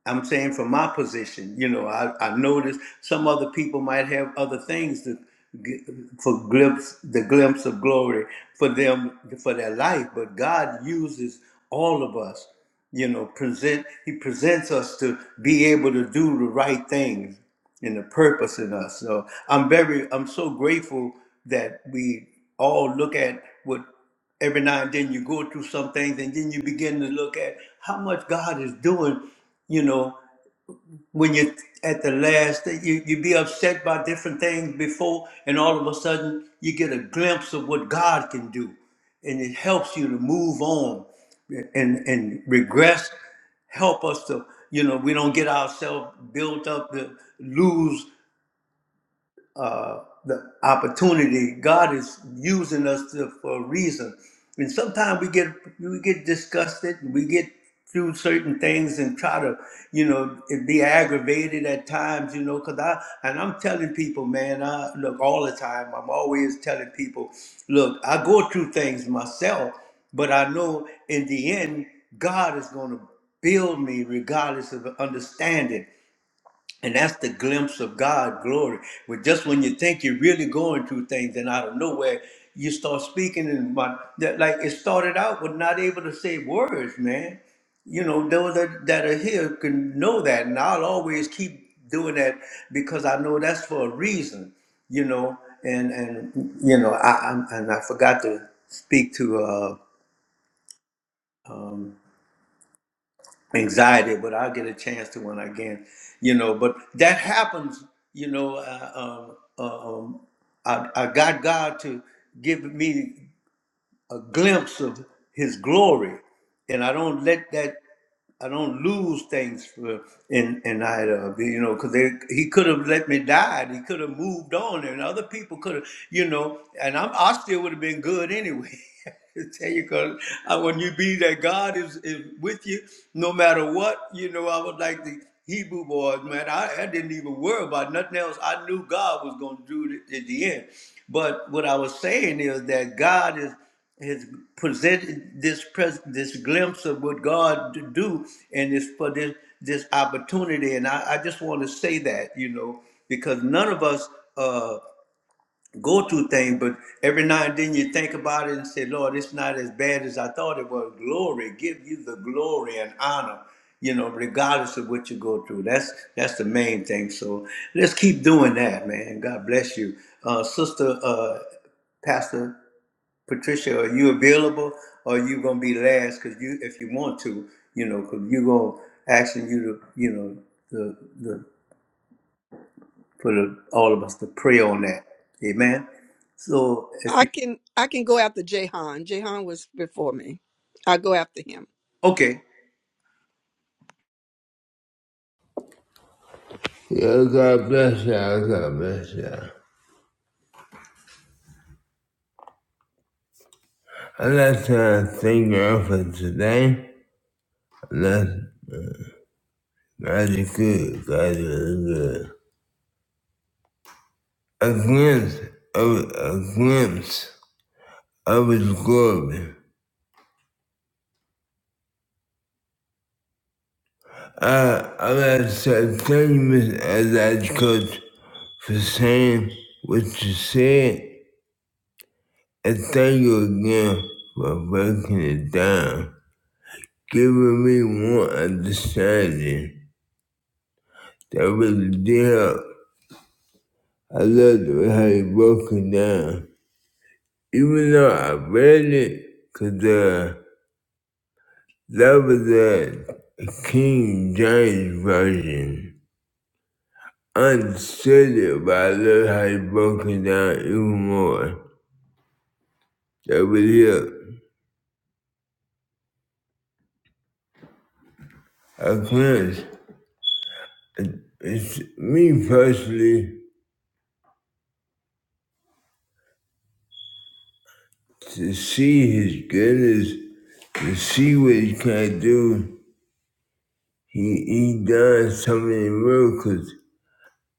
I'm saying from my position, you know, I, I noticed some other people might have other things to, g- for glimpse, the glimpse of glory for them, for their life. But God uses all of us, you know, present, he presents us to be able to do the right things and the purpose in us. So I'm very, I'm so grateful that we all look at what every now and then you go through some things and then you begin to look at how much God is doing, you know, when you're at the last, you, you be upset by different things before, and all of a sudden you get a glimpse of what God can do. And it helps you to move on and, and regress help us to you know we don't get ourselves built up to lose uh, the opportunity. God is using us to, for a reason. And sometimes we get we get disgusted, and we get through certain things and try to, you know, be aggravated at times, you know, because I, and I'm telling people, man, I look all the time, I'm always telling people, look, I go through things myself, but I know in the end, God is going to build me regardless of the understanding. And that's the glimpse of God glory. But just when you think you're really going through things, and out of nowhere, you start speaking, and my, that, like it started out with not able to say words, man. You know, those that, that are here can know that, and I'll always keep doing that because I know that's for a reason. You know, and and you know, I, I and I forgot to speak to. Uh, um, anxiety, but I'll get a chance to when I can, you know. But that happens, you know. Uh, um, uh, um, I, I got God to give me a glimpse of His glory, and I don't let that. I don't lose things for in in either, you know, because he could have let me die. and He could have moved on, and other people could have, you know, and I'm, I still would have been good anyway. tell you because when you be that God is, is with you, no matter what, you know, I was like the Hebrew boys, man. I, I didn't even worry about nothing else. I knew God was going to do it at the end. But what I was saying is that God is has presented this pres- this glimpse of what God to do, and it's for this this opportunity. And I, I just want to say that, you know, because none of us. uh, go-to thing, but every now and then you think about it and say, Lord, it's not as bad as I thought it was. Glory, give you the glory and honor, you know, regardless of what you go through. That's that's the main thing. So let's keep doing that, man. God bless you. Uh, Sister uh, Pastor Patricia, are you available or are you gonna be last? Cause you if you want to, you know, cause you gonna asking you to, you know, the the for the, all of us to pray on that. Amen. So if you
I can I can go after Jahan. Jahan was before me. I'll go after him.
Okay.
Yeah, God bless you. God bless you. And that's not trying thank God for today. I'm God is good. God is good. A glimpse of a glimpse of His glory. Uh, I'm not saying thank you, Miss Adage Coach, for saying what you said, and thank you again for breaking it down, giving me more understanding. That was the deal. I loved it how he broke it down. Even though I read it, cause uh, that was uh, a King James version. I understood it, but I loved how he broke it down even more. That was it. I can't. It's me personally to see his goodness, to see what he can do. He he done so many miracles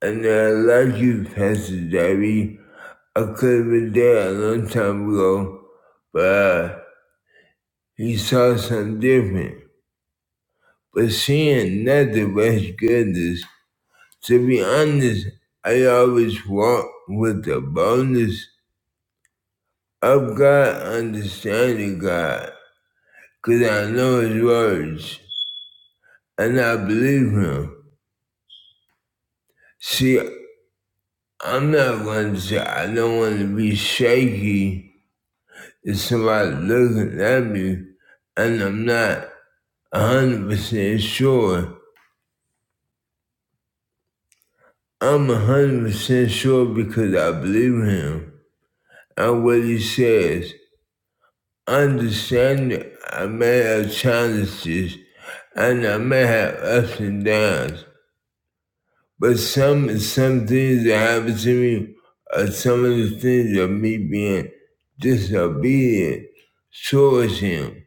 And I like you, Pastor Debbie. I could have been there a long time ago, but uh, he saw something different. But seeing nothing but his goodness, to be honest, I always walk with the boldness of God, understanding God, because I know his words and I believe him. See, I'm not going to say I don't want to be shaky Is somebody looking at me and I'm not 100% sure. I'm 100% sure because I believe him and what he says. Understanding, I may have challenges and I may have ups and downs, but some some things that happen to me are some of the things of me being disobedient towards him.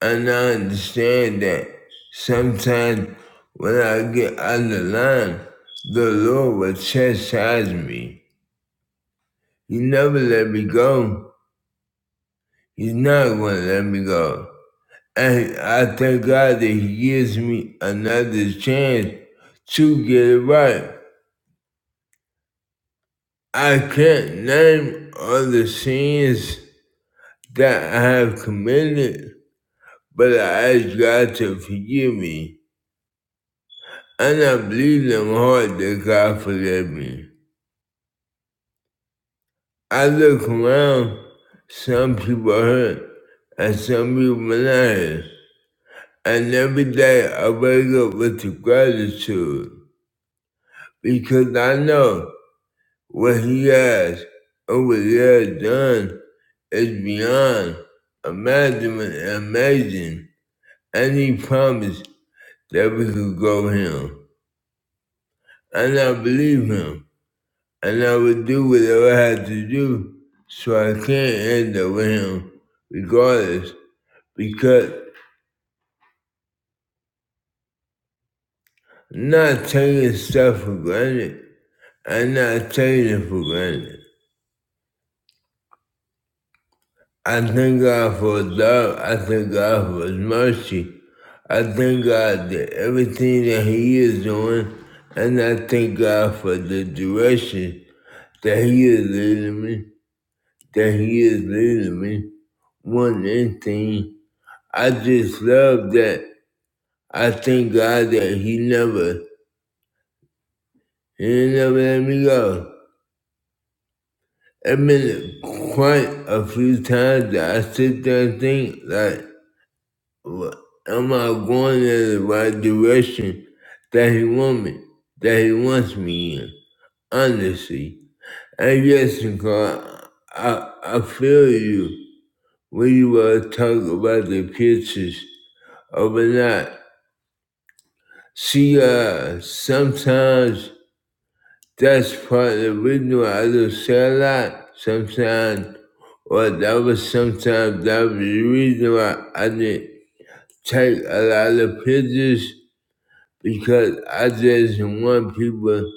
And I understand that sometimes when I get out of line, the Lord will chastise me. He never let me go. He's not going to let me go. And I thank God that He gives me another chance to get it right. I can't name all the sins that I have committed, but I ask God to forgive me And I believe them hard that God forgave me. I look around, some people hurt, and some people not hurt. And every day I wake up with the gratitude because I know what He has and what He has done is beyond imaginable and amazing. And He promised that we could go Him. And I believe Him. and I would do whatever I had to do so I can't end up with him regardless because I'm not taking stuff for granted. I'm not taking it for granted. I thank God for his love. I thank God for his mercy. I thank God that everything that he is doing and I thank God for the direction that he is leading me, that he is leading me. One thing I just love that I thank God that He never, He never let me go. It's been quite a few times that I sit there and think, like, "Wha- am I going in the right direction that He want me, that He wants me in? Honestly, and yes, God, I, I feel you when you were talking about the pictures overnight. See, uh, sometimes That's part that we knew how to say a lot sometimes, or that was sometimes that was the reason why I didn't take a lot of pictures because I just didn't want people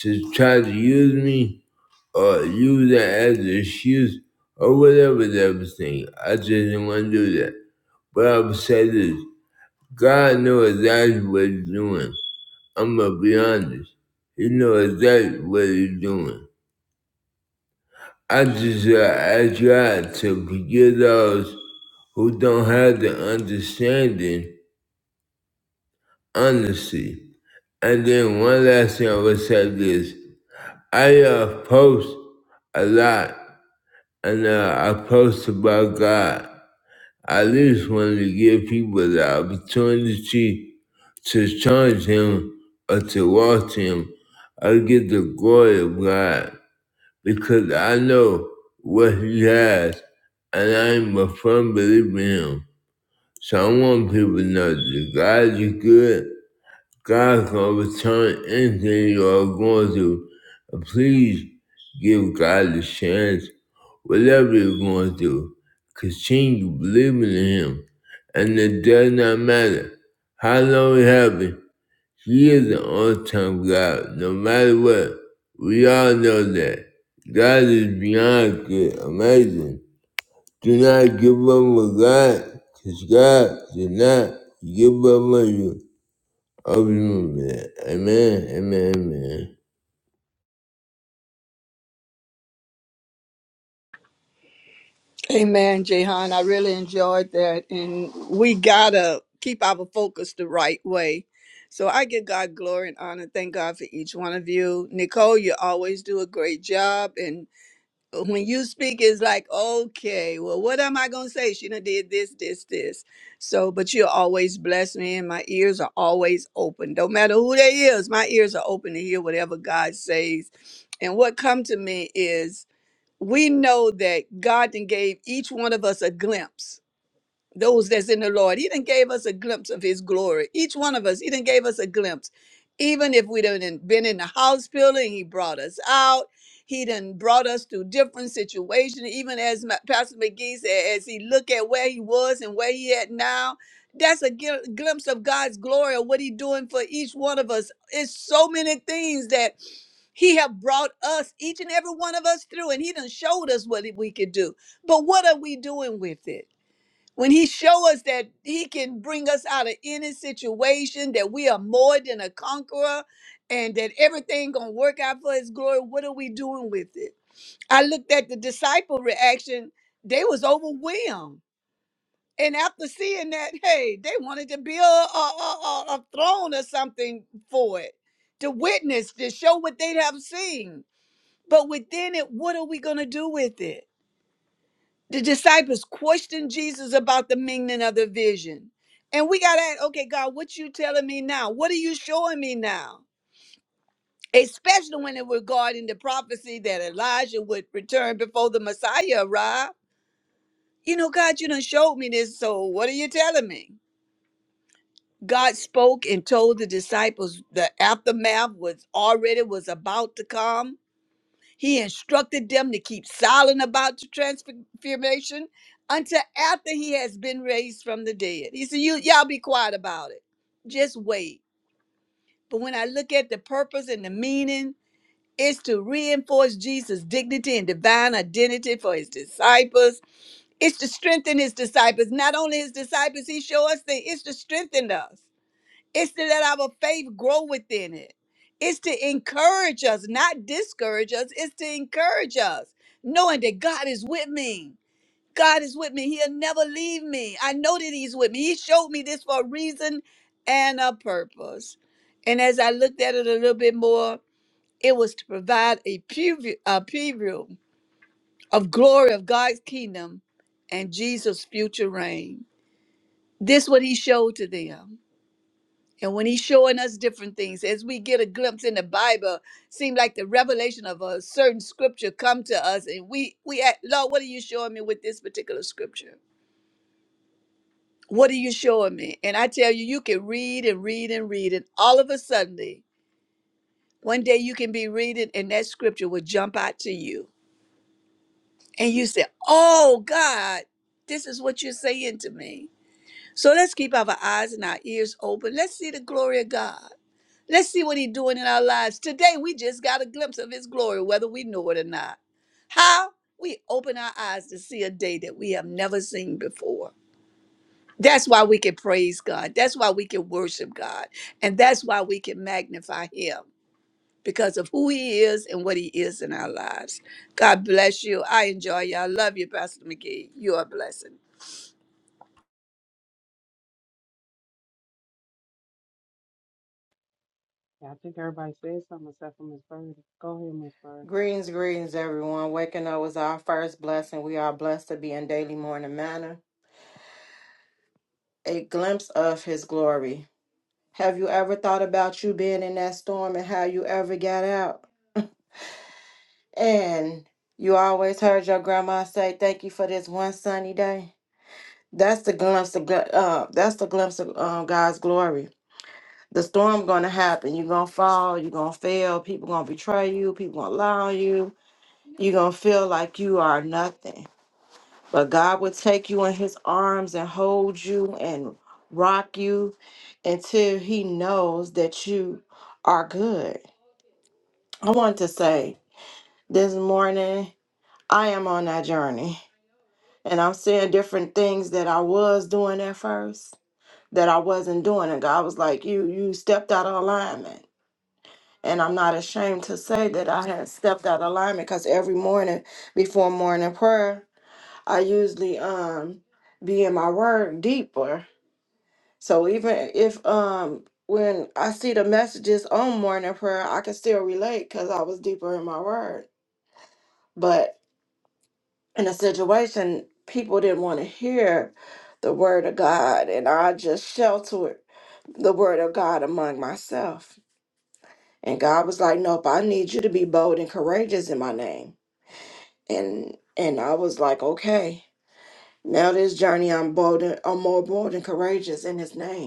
to try to use me or use that as an excuse or whatever that was thing. I just didn't want to do that. But I would say this God knows exactly what he's doing. I'm going to be honest. He knows exactly what he's doing. I just uh, I try to forgive those who don't have the understanding, honesty. And then one last thing I would say this. I uh, post a lot and uh, I post about God. I at least want to give people the opportunity to challenge Him or to walk to Him or get the glory of God. because I know what he has, and I'm a firm believer in him. So I want people to know that God is good. God can return anything you are going through. And please give God a chance, whatever you're going through. Continue believing in Him. And it does not matter how long you have it happens, he is the on time God, no matter what. We all know that. God is beyond good, amazing. Do not give up on God, because God did not give up on you. I'll be moving. Amen, amen, amen.
Amen, Jahan. I really enjoyed that. And we gotta keep our focus the right way. So I give God glory and honor. Thank God for each one of you. Nicole, you always do a great job. And when you speak it's like okay well what am i going to say she done did this this this so but you always bless me and my ears are always open don't matter who they is my ears are open to hear whatever god says and what come to me is we know that god then gave each one of us a glimpse those that's in the Lord. He did gave us a glimpse of his glory. Each one of us, he did gave us a glimpse. Even if we done been in the house building, he brought us out. He done brought us through different situations. Even as Ma- Pastor McGee said, as he look at where he was and where he at now, that's a gl- glimpse of God's glory of what he doing for each one of us. It's so many things that he have brought us, each and every one of us through, and he done showed us what we could do. But what are we doing with it? when he show us that he can bring us out of any situation that we are more than a conqueror and that everything gonna work out for his glory what are we doing with it i looked at the disciple reaction they was overwhelmed and after seeing that hey they wanted to build a, a, a, a throne or something for it to witness to show what they have seen but within it what are we gonna do with it the disciples questioned Jesus about the meaning of the vision. And we got to ask, okay, God, what you telling me now? What are you showing me now? Especially when it regarding the prophecy that Elijah would return before the Messiah arrived. You know, God, you done showed me this, so what are you telling me? God spoke and told the disciples the aftermath was already was about to come He instructed them to keep silent about the transfiguration until after he has been raised from the dead. He said, you, Y'all be quiet about it. Just wait. But when I look at the purpose and the meaning, it's to reinforce Jesus' dignity and divine identity for his disciples. It's to strengthen his disciples. Not only his disciples, he showed us that it's to strengthen us. It's to let our faith grow within it. It's to encourage us, not discourage us. It's to encourage us, knowing that God is with me. God is with me. He'll never leave me. I know that He's with me. He showed me this for a reason and a purpose. And as I looked at it a little bit more, it was to provide a preview, a preview of glory of God's kingdom and Jesus' future reign. This what He showed to them. And when he's showing us different things, as we get a glimpse in the Bible, seem like the revelation of a certain scripture come to us, and we we ask, Lord, what are you showing me with this particular scripture? What are you showing me? And I tell you, you can read and read and read, and all of a sudden, one day you can be reading, and that scripture will jump out to you, and you say, "Oh God, this is what you're saying to me." So let's keep our eyes and our ears open. Let's see the glory of God. Let's see what he's doing in our lives. Today, we just got a glimpse of his glory, whether we know it or not. How? We open our eyes to see a day that we have never seen before. That's why we can praise God. That's why we can worship God. And that's why we can magnify him because of who he is and what he is in our lives. God bless you. I enjoy you. I love you, Pastor McGee. You are a blessing.
Yeah, I think everybody said something except for Miss Birdie. Go ahead, Miss Birdie.
Greens, greens, everyone. Waking up was our first blessing. We are blessed to be in daily morning manner. A glimpse of his glory. Have you ever thought about you being in that storm and how you ever got out? And you always heard your grandma say, "Thank you for this one sunny day." That's the glimpse of gl- uh, that's the glimpse of um, God's glory. The storm gonna happen. You're gonna fall. You're gonna fail. People gonna betray you. People gonna lie on you. You're gonna feel like you are nothing But God will take you in his arms and hold you and rock you until he knows that you are good. I want to say this morning, I am on that journey and I'm seeing different things that I was doing at first that I wasn't doing. And God was like, You you stepped out of alignment. And I'm not ashamed to say that I had stepped out of alignment because every morning before morning prayer, I usually um be in my word deeper So even if um when I see the messages on morning prayer, I can still relate because I was deeper in my word. But in a situation, people didn't want to hear the word of God, and I just sheltered the word of God among myself. And God was like, "Nope, I need you to be bold and courageous in my name." And and I was like, "Okay, now this journey, I'm bold, and, I'm more bold and courageous in His name."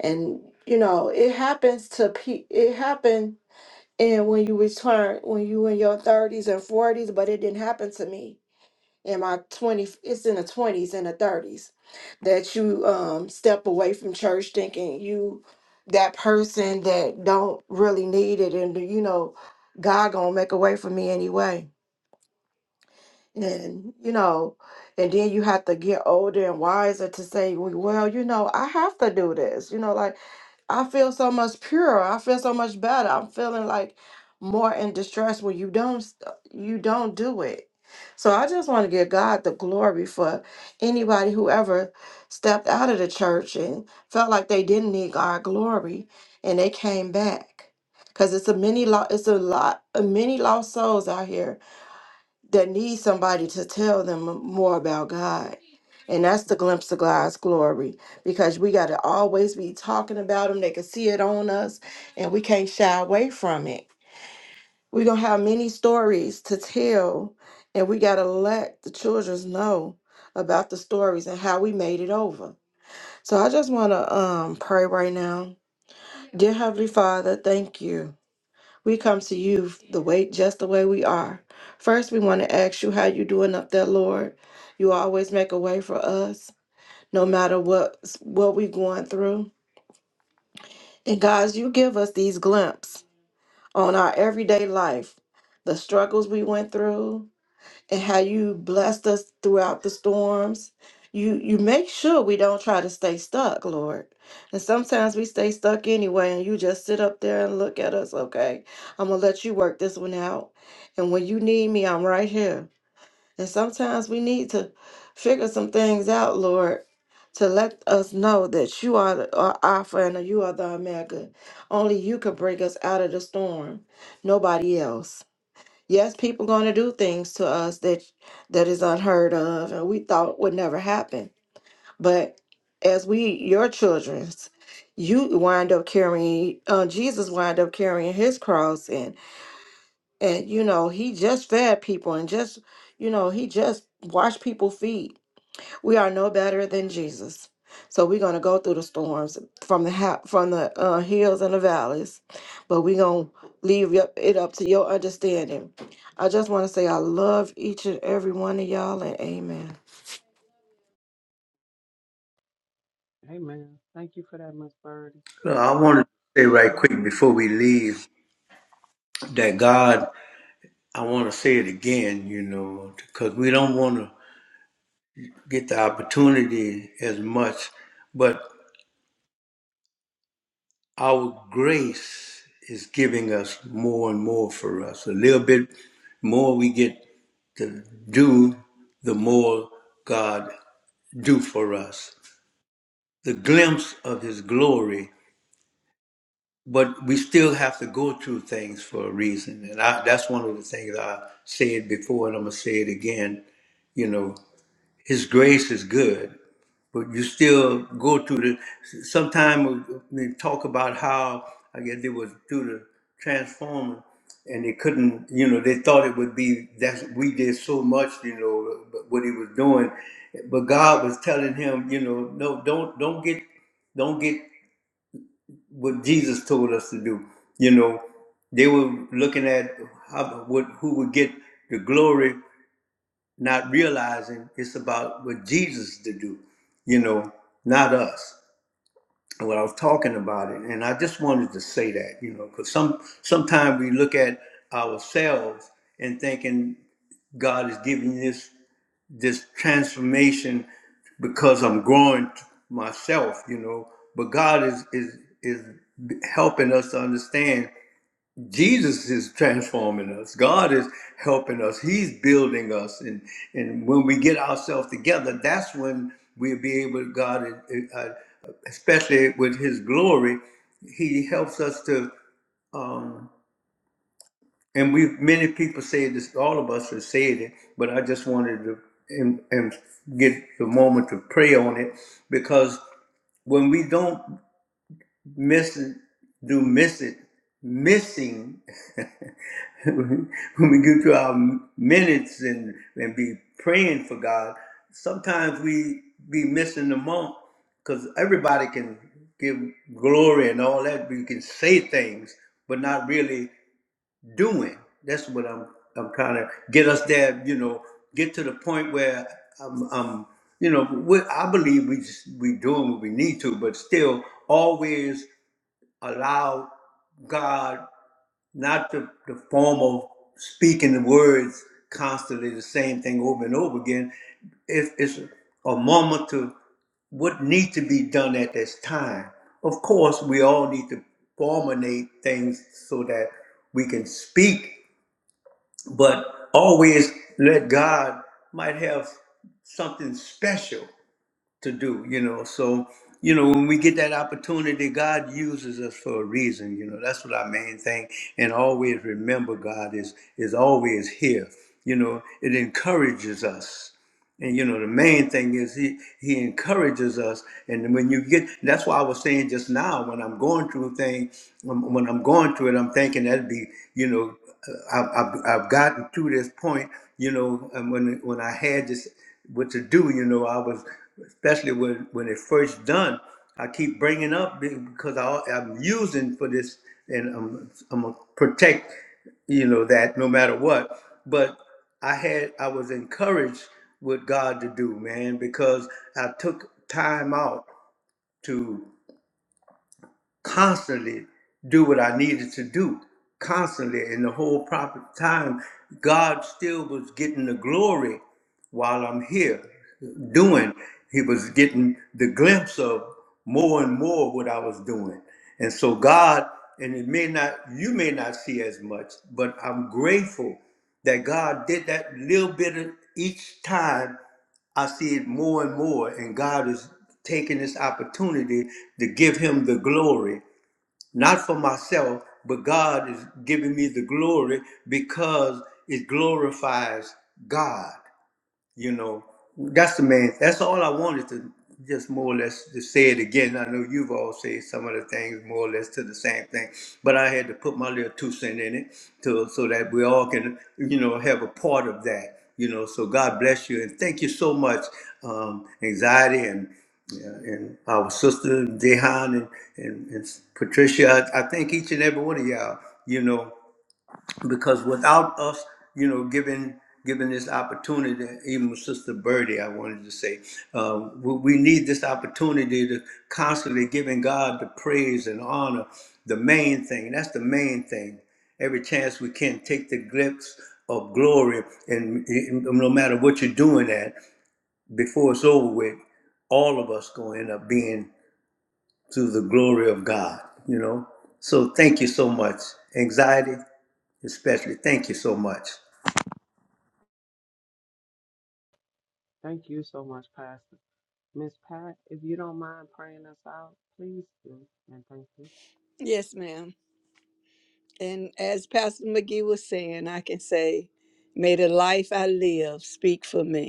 and you know it happens to pe it happened and when you return when you in your 30s and 40s but it didn't happen to me in my 20 it's in the 20s and the 30s that you um step away from church thinking you that person that don't really need it and you know god gonna make a way for me anyway and you know and then you have to get older and wiser to say well well, you know i have to do this you know like i feel so much purer i feel so much better i'm feeling like more in distress when you don't s- uh, you don't do it so i just want to give god the glory for anybody who ever stepped out of the church and felt like they didn't need god glory and they came back because it's a many lot it's a lot of many lost souls out here that need somebody to tell them more about God. And that's the glimpse of God's glory because we got to always be talking about Him. They can see it on us and we can't shy away from it. We're going to have many stories to tell, and we got to let the children know about the stories and how we made it over. So I just want to um, pray right now. Dear Heavenly Father, thank you. We come to you the way just the way we are. First, we want to ask you how you doing up there, Lord. You always make a way for us, no matter what what we going through. And guys, you give us these glimpses on our everyday life, the struggles we went through, and how you blessed us throughout the storms. You you make sure we don't try to stay stuck, Lord. And sometimes we stay stuck anyway, and you just sit up there and look at us, okay? I'm gonna let you work this one out. And when you need me, I'm right here. And sometimes we need to figure some things out, Lord, to let us know that you are the are Alpha and you are the Omega. Only you could break us out of the storm, nobody else. Yes, people going to do things to us that that is unheard of and we thought would never happen. But as we your children's, you wind up carrying uh, Jesus wind up carrying his cross and and you know, he just fed people and just you know, he just washed people's feet we are no better than Jesus. So we're gonna go through the storms from the ha- from the uh, hills and the valleys, but we're gonna leave y- it up to your understanding. I just want to say I love each and every one of y'all, and Amen.
Amen. Thank you for that, Miss Birdie.
Uh, I want to say right quick
Oh,
before we leave that God, I want to say it again, you know, because we don't want to get the opportunity as much, but our grace is giving us more and more for us. A little bit more we get to do, the more God do for us. The glimpse of his glory but we still have to go through things for a reason. And I, that's one of the things I said before, and I'm going to say it again. You know, His grace is good, but you still go through the. Sometimes we talk about how, I guess, they was through the transformer and they couldn't, you know, they thought it would be that we did so much, you know, but what he was doing. But God was telling him, you know, no, don't, don't get. Don't get what Jesus told us to do. You know, they were looking at how, what, who would get the glory, not realizing it's about what Jesus to do. You know, not us. And What I was talking about it, and I just wanted to say that, you know, because some sometimes we look at ourselves and thinking God is giving this this transformation because I'm growing myself, you know. But God is is is helping us to understand Jesus is transforming us. God is helping us. He's building us, and and when we get ourselves together, that's when we'll be able. God, uh, uh, especially with His glory, He helps us to. um, and we many people say this all of us have said it but i just wanted to and, and get the moment to pray on it because when we don't miss it do miss it missing when we get to our minutes and and be praying for god sometimes we be missing the mark because everybody can give glory and all that we can say things but not really doing. That's what I'm I'm trying to get us there. You know, get to the point where I'm, I'm you know, we, I believe we just, we doing what we need to, but still always allow God not the, the form of speaking the words constantly the same thing over and over again. If it's a moment to what need to be done at this time. Of course, we all need to formulate things so that we can speak but always let God might have something special to do, you know. So, you know, when we get that opportunity, God uses us for a reason, you know. That's what our main thing. And always remember God is is always here. You know, it encourages us and you know, the main thing is he he encourages us. And when you get, that's why I was saying just now when I'm going through a thing, when when I'm going through it, I'm thinking that'd be, you know, uh, I've, I've, I've gotten to this point, you know, and when when I had this what to do, you know, I was especially when when it first done, I keep bringing up be- because I, I'm using for this, and I'm I'm gonna protect, you know, that no matter what. But I had I was encouraged with God to do, man, because I took time out to constantly do what I needed to do. Constantly, in the whole proper time, God still was getting the glory while I'm here doing. He was getting the glimpse of more and more what I was doing. And so God, and it may not, you may not see as much, but I'm grateful that God did that little bit of each time I see it more and more, and God is taking this opportunity to give him the glory not for myself, but God is giving me the glory because it glorifies God you know, that's the main. That's all I wanted to just more or less to say it again. I know you've all said some of the things more or less to the same thing, but I had to put my little two cent in it to so that we all can, you know, have a part of that. You know, so God bless you and thank you so much, um, anxiety and yeah, and our sister Dehan and, and, and Patricia. I, I thank each and every one of y'all. You know because without us, you know, giving giving this opportunity, even with Sister Birdie, I wanted to say, uh, we, we need this opportunity to constantly giving God the praise and honor. The main thing, that's the main thing. Every chance we can, take the glimpse of glory, and, and no matter what you're doing at, before it's over with, all of us going to end up being to the glory of God, you know. So thank you so much. Anxiety, especially. Thank you so much.
thank you so much, Pastor. Miss Pat, if you don't mind praying us out, please do. And thank you.
Yes, ma'am. And as Pastor McGee was saying, I can say, may the life I live speak for me.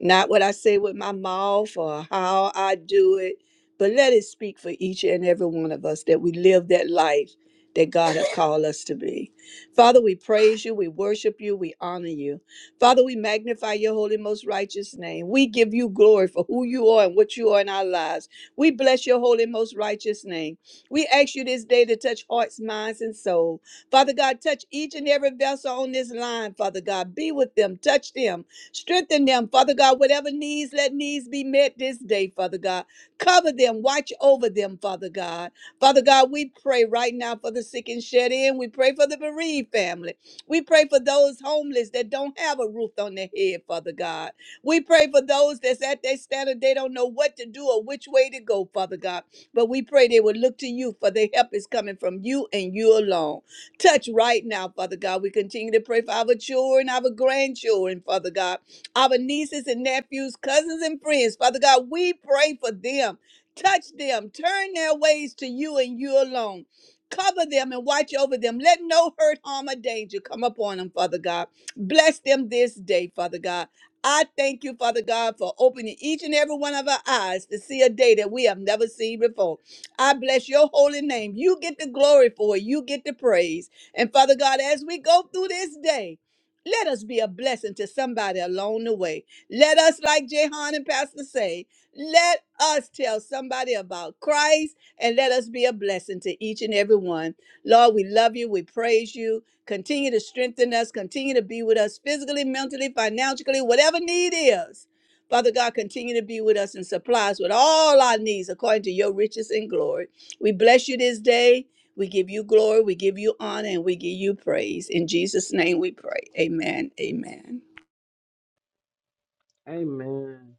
not what I say with my mouth or how I do it, but let it speak for each and every one of us that we live that life that God has called us to be. Father, we praise you, we worship you, we honor you. Father, we magnify your holy, most righteous name. We give you glory for who you are and what you are in our lives. We bless your holy, most righteous name. We ask you this day to touch hearts, minds, and souls. Father God, touch each and every vessel on this line, Father God. Be with them, touch them, Strengthen them, Father God, whatever needs, let needs be met this day, Father God. Cover them, watch over them, Father God. Father God, we pray right now for the sick and shed in. We pray for the bereaved family. We pray for those homeless that don't have a roof on their head, Father God. We pray for those that's at their standard. They don't know what to do or which way to go, Father God. But we pray they would look to you, for their help is coming from you and you alone. Touch right now, Father God. We continue to pray for our children, our grandchildren, Father God our nieces and nephews, cousins and friends. Father God, we pray for them. Touch them. Turn their ways to you and you alone. Cover them and watch over them. Let no hurt, harm, or danger come upon them, Father God. Bless them this day, Father God. I thank you, Father God, for opening each and every one of our eyes to see a day that we have never seen before. I bless your holy name. You get the glory for it. You get the praise. And Father God, as we go through this day, let us be a blessing to somebody along the way. Let us, like Jehan and Pastor say, let us tell somebody about Christ and let us be a blessing to each and every one. Lord, we love you. We praise you. Continue to strengthen us. Continue to be with us physically, mentally, financially, whatever need is. Father God, continue to be with us and supply us with all our needs according to your riches and glory. We bless you this day. We give you glory, we give you honor, and we give you praise. In Jesus' name we pray. Amen. Amen.
Amen.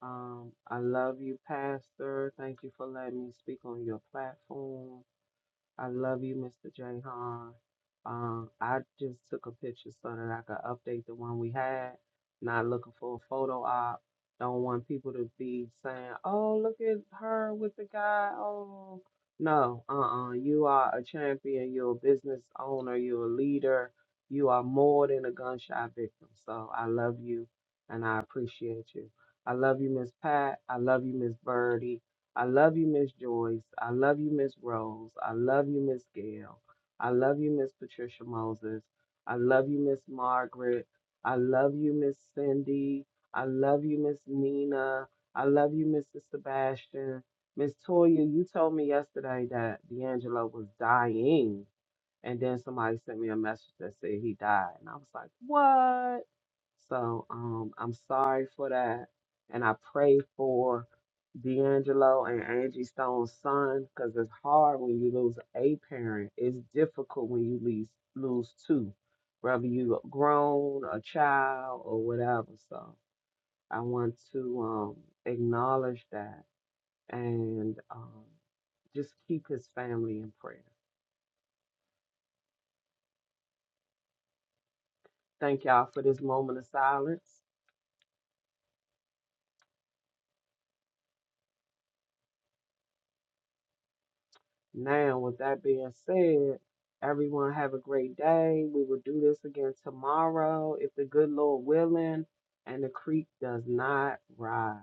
Um, I love you, Pastor. Thank you for letting me speak on your platform. I love you, Mr. Jahan. Um, I just took a picture so that I could update the one we had. Not looking for a photo op. Don't want people to be saying, "Oh, look at her with the guy." Oh, no. Uh-uh. You are a champion. You're a business owner. You're a leader. You are more than a gunshot victim. So I love you, and I appreciate you. I love you, Miss Pat. I love you, Miss Birdie. I love you, Miss Joyce. I love you, Miss Rose. I love you, Miss Gail. I love you, Miss Patricia Moses. I love you, Miss Margaret. I love you, Miss Cindy. I love you, Miss Nina. I love you, Mr. Sebastian. Miss Toya, you told me yesterday that D'Angelo was dying, and then somebody sent me a message that said he died. And I was like, what? So um, I'm sorry for that. And I pray for D'Angelo and Angie Stone's son because it's hard when you lose a parent. It's difficult when you lose, lose two, whether you grown, a child, or whatever. So I want to um, acknowledge that and um, just keep his family in prayer. Thank y'all for this moment of silence. Now, with that being said, everyone have a great day. We will do this again tomorrow if the good Lord willing and the creek does not rise.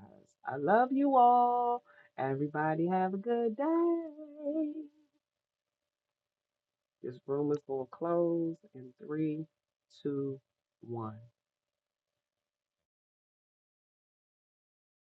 I love you all. Everybody have a good day. This room is going to close in three, two, one.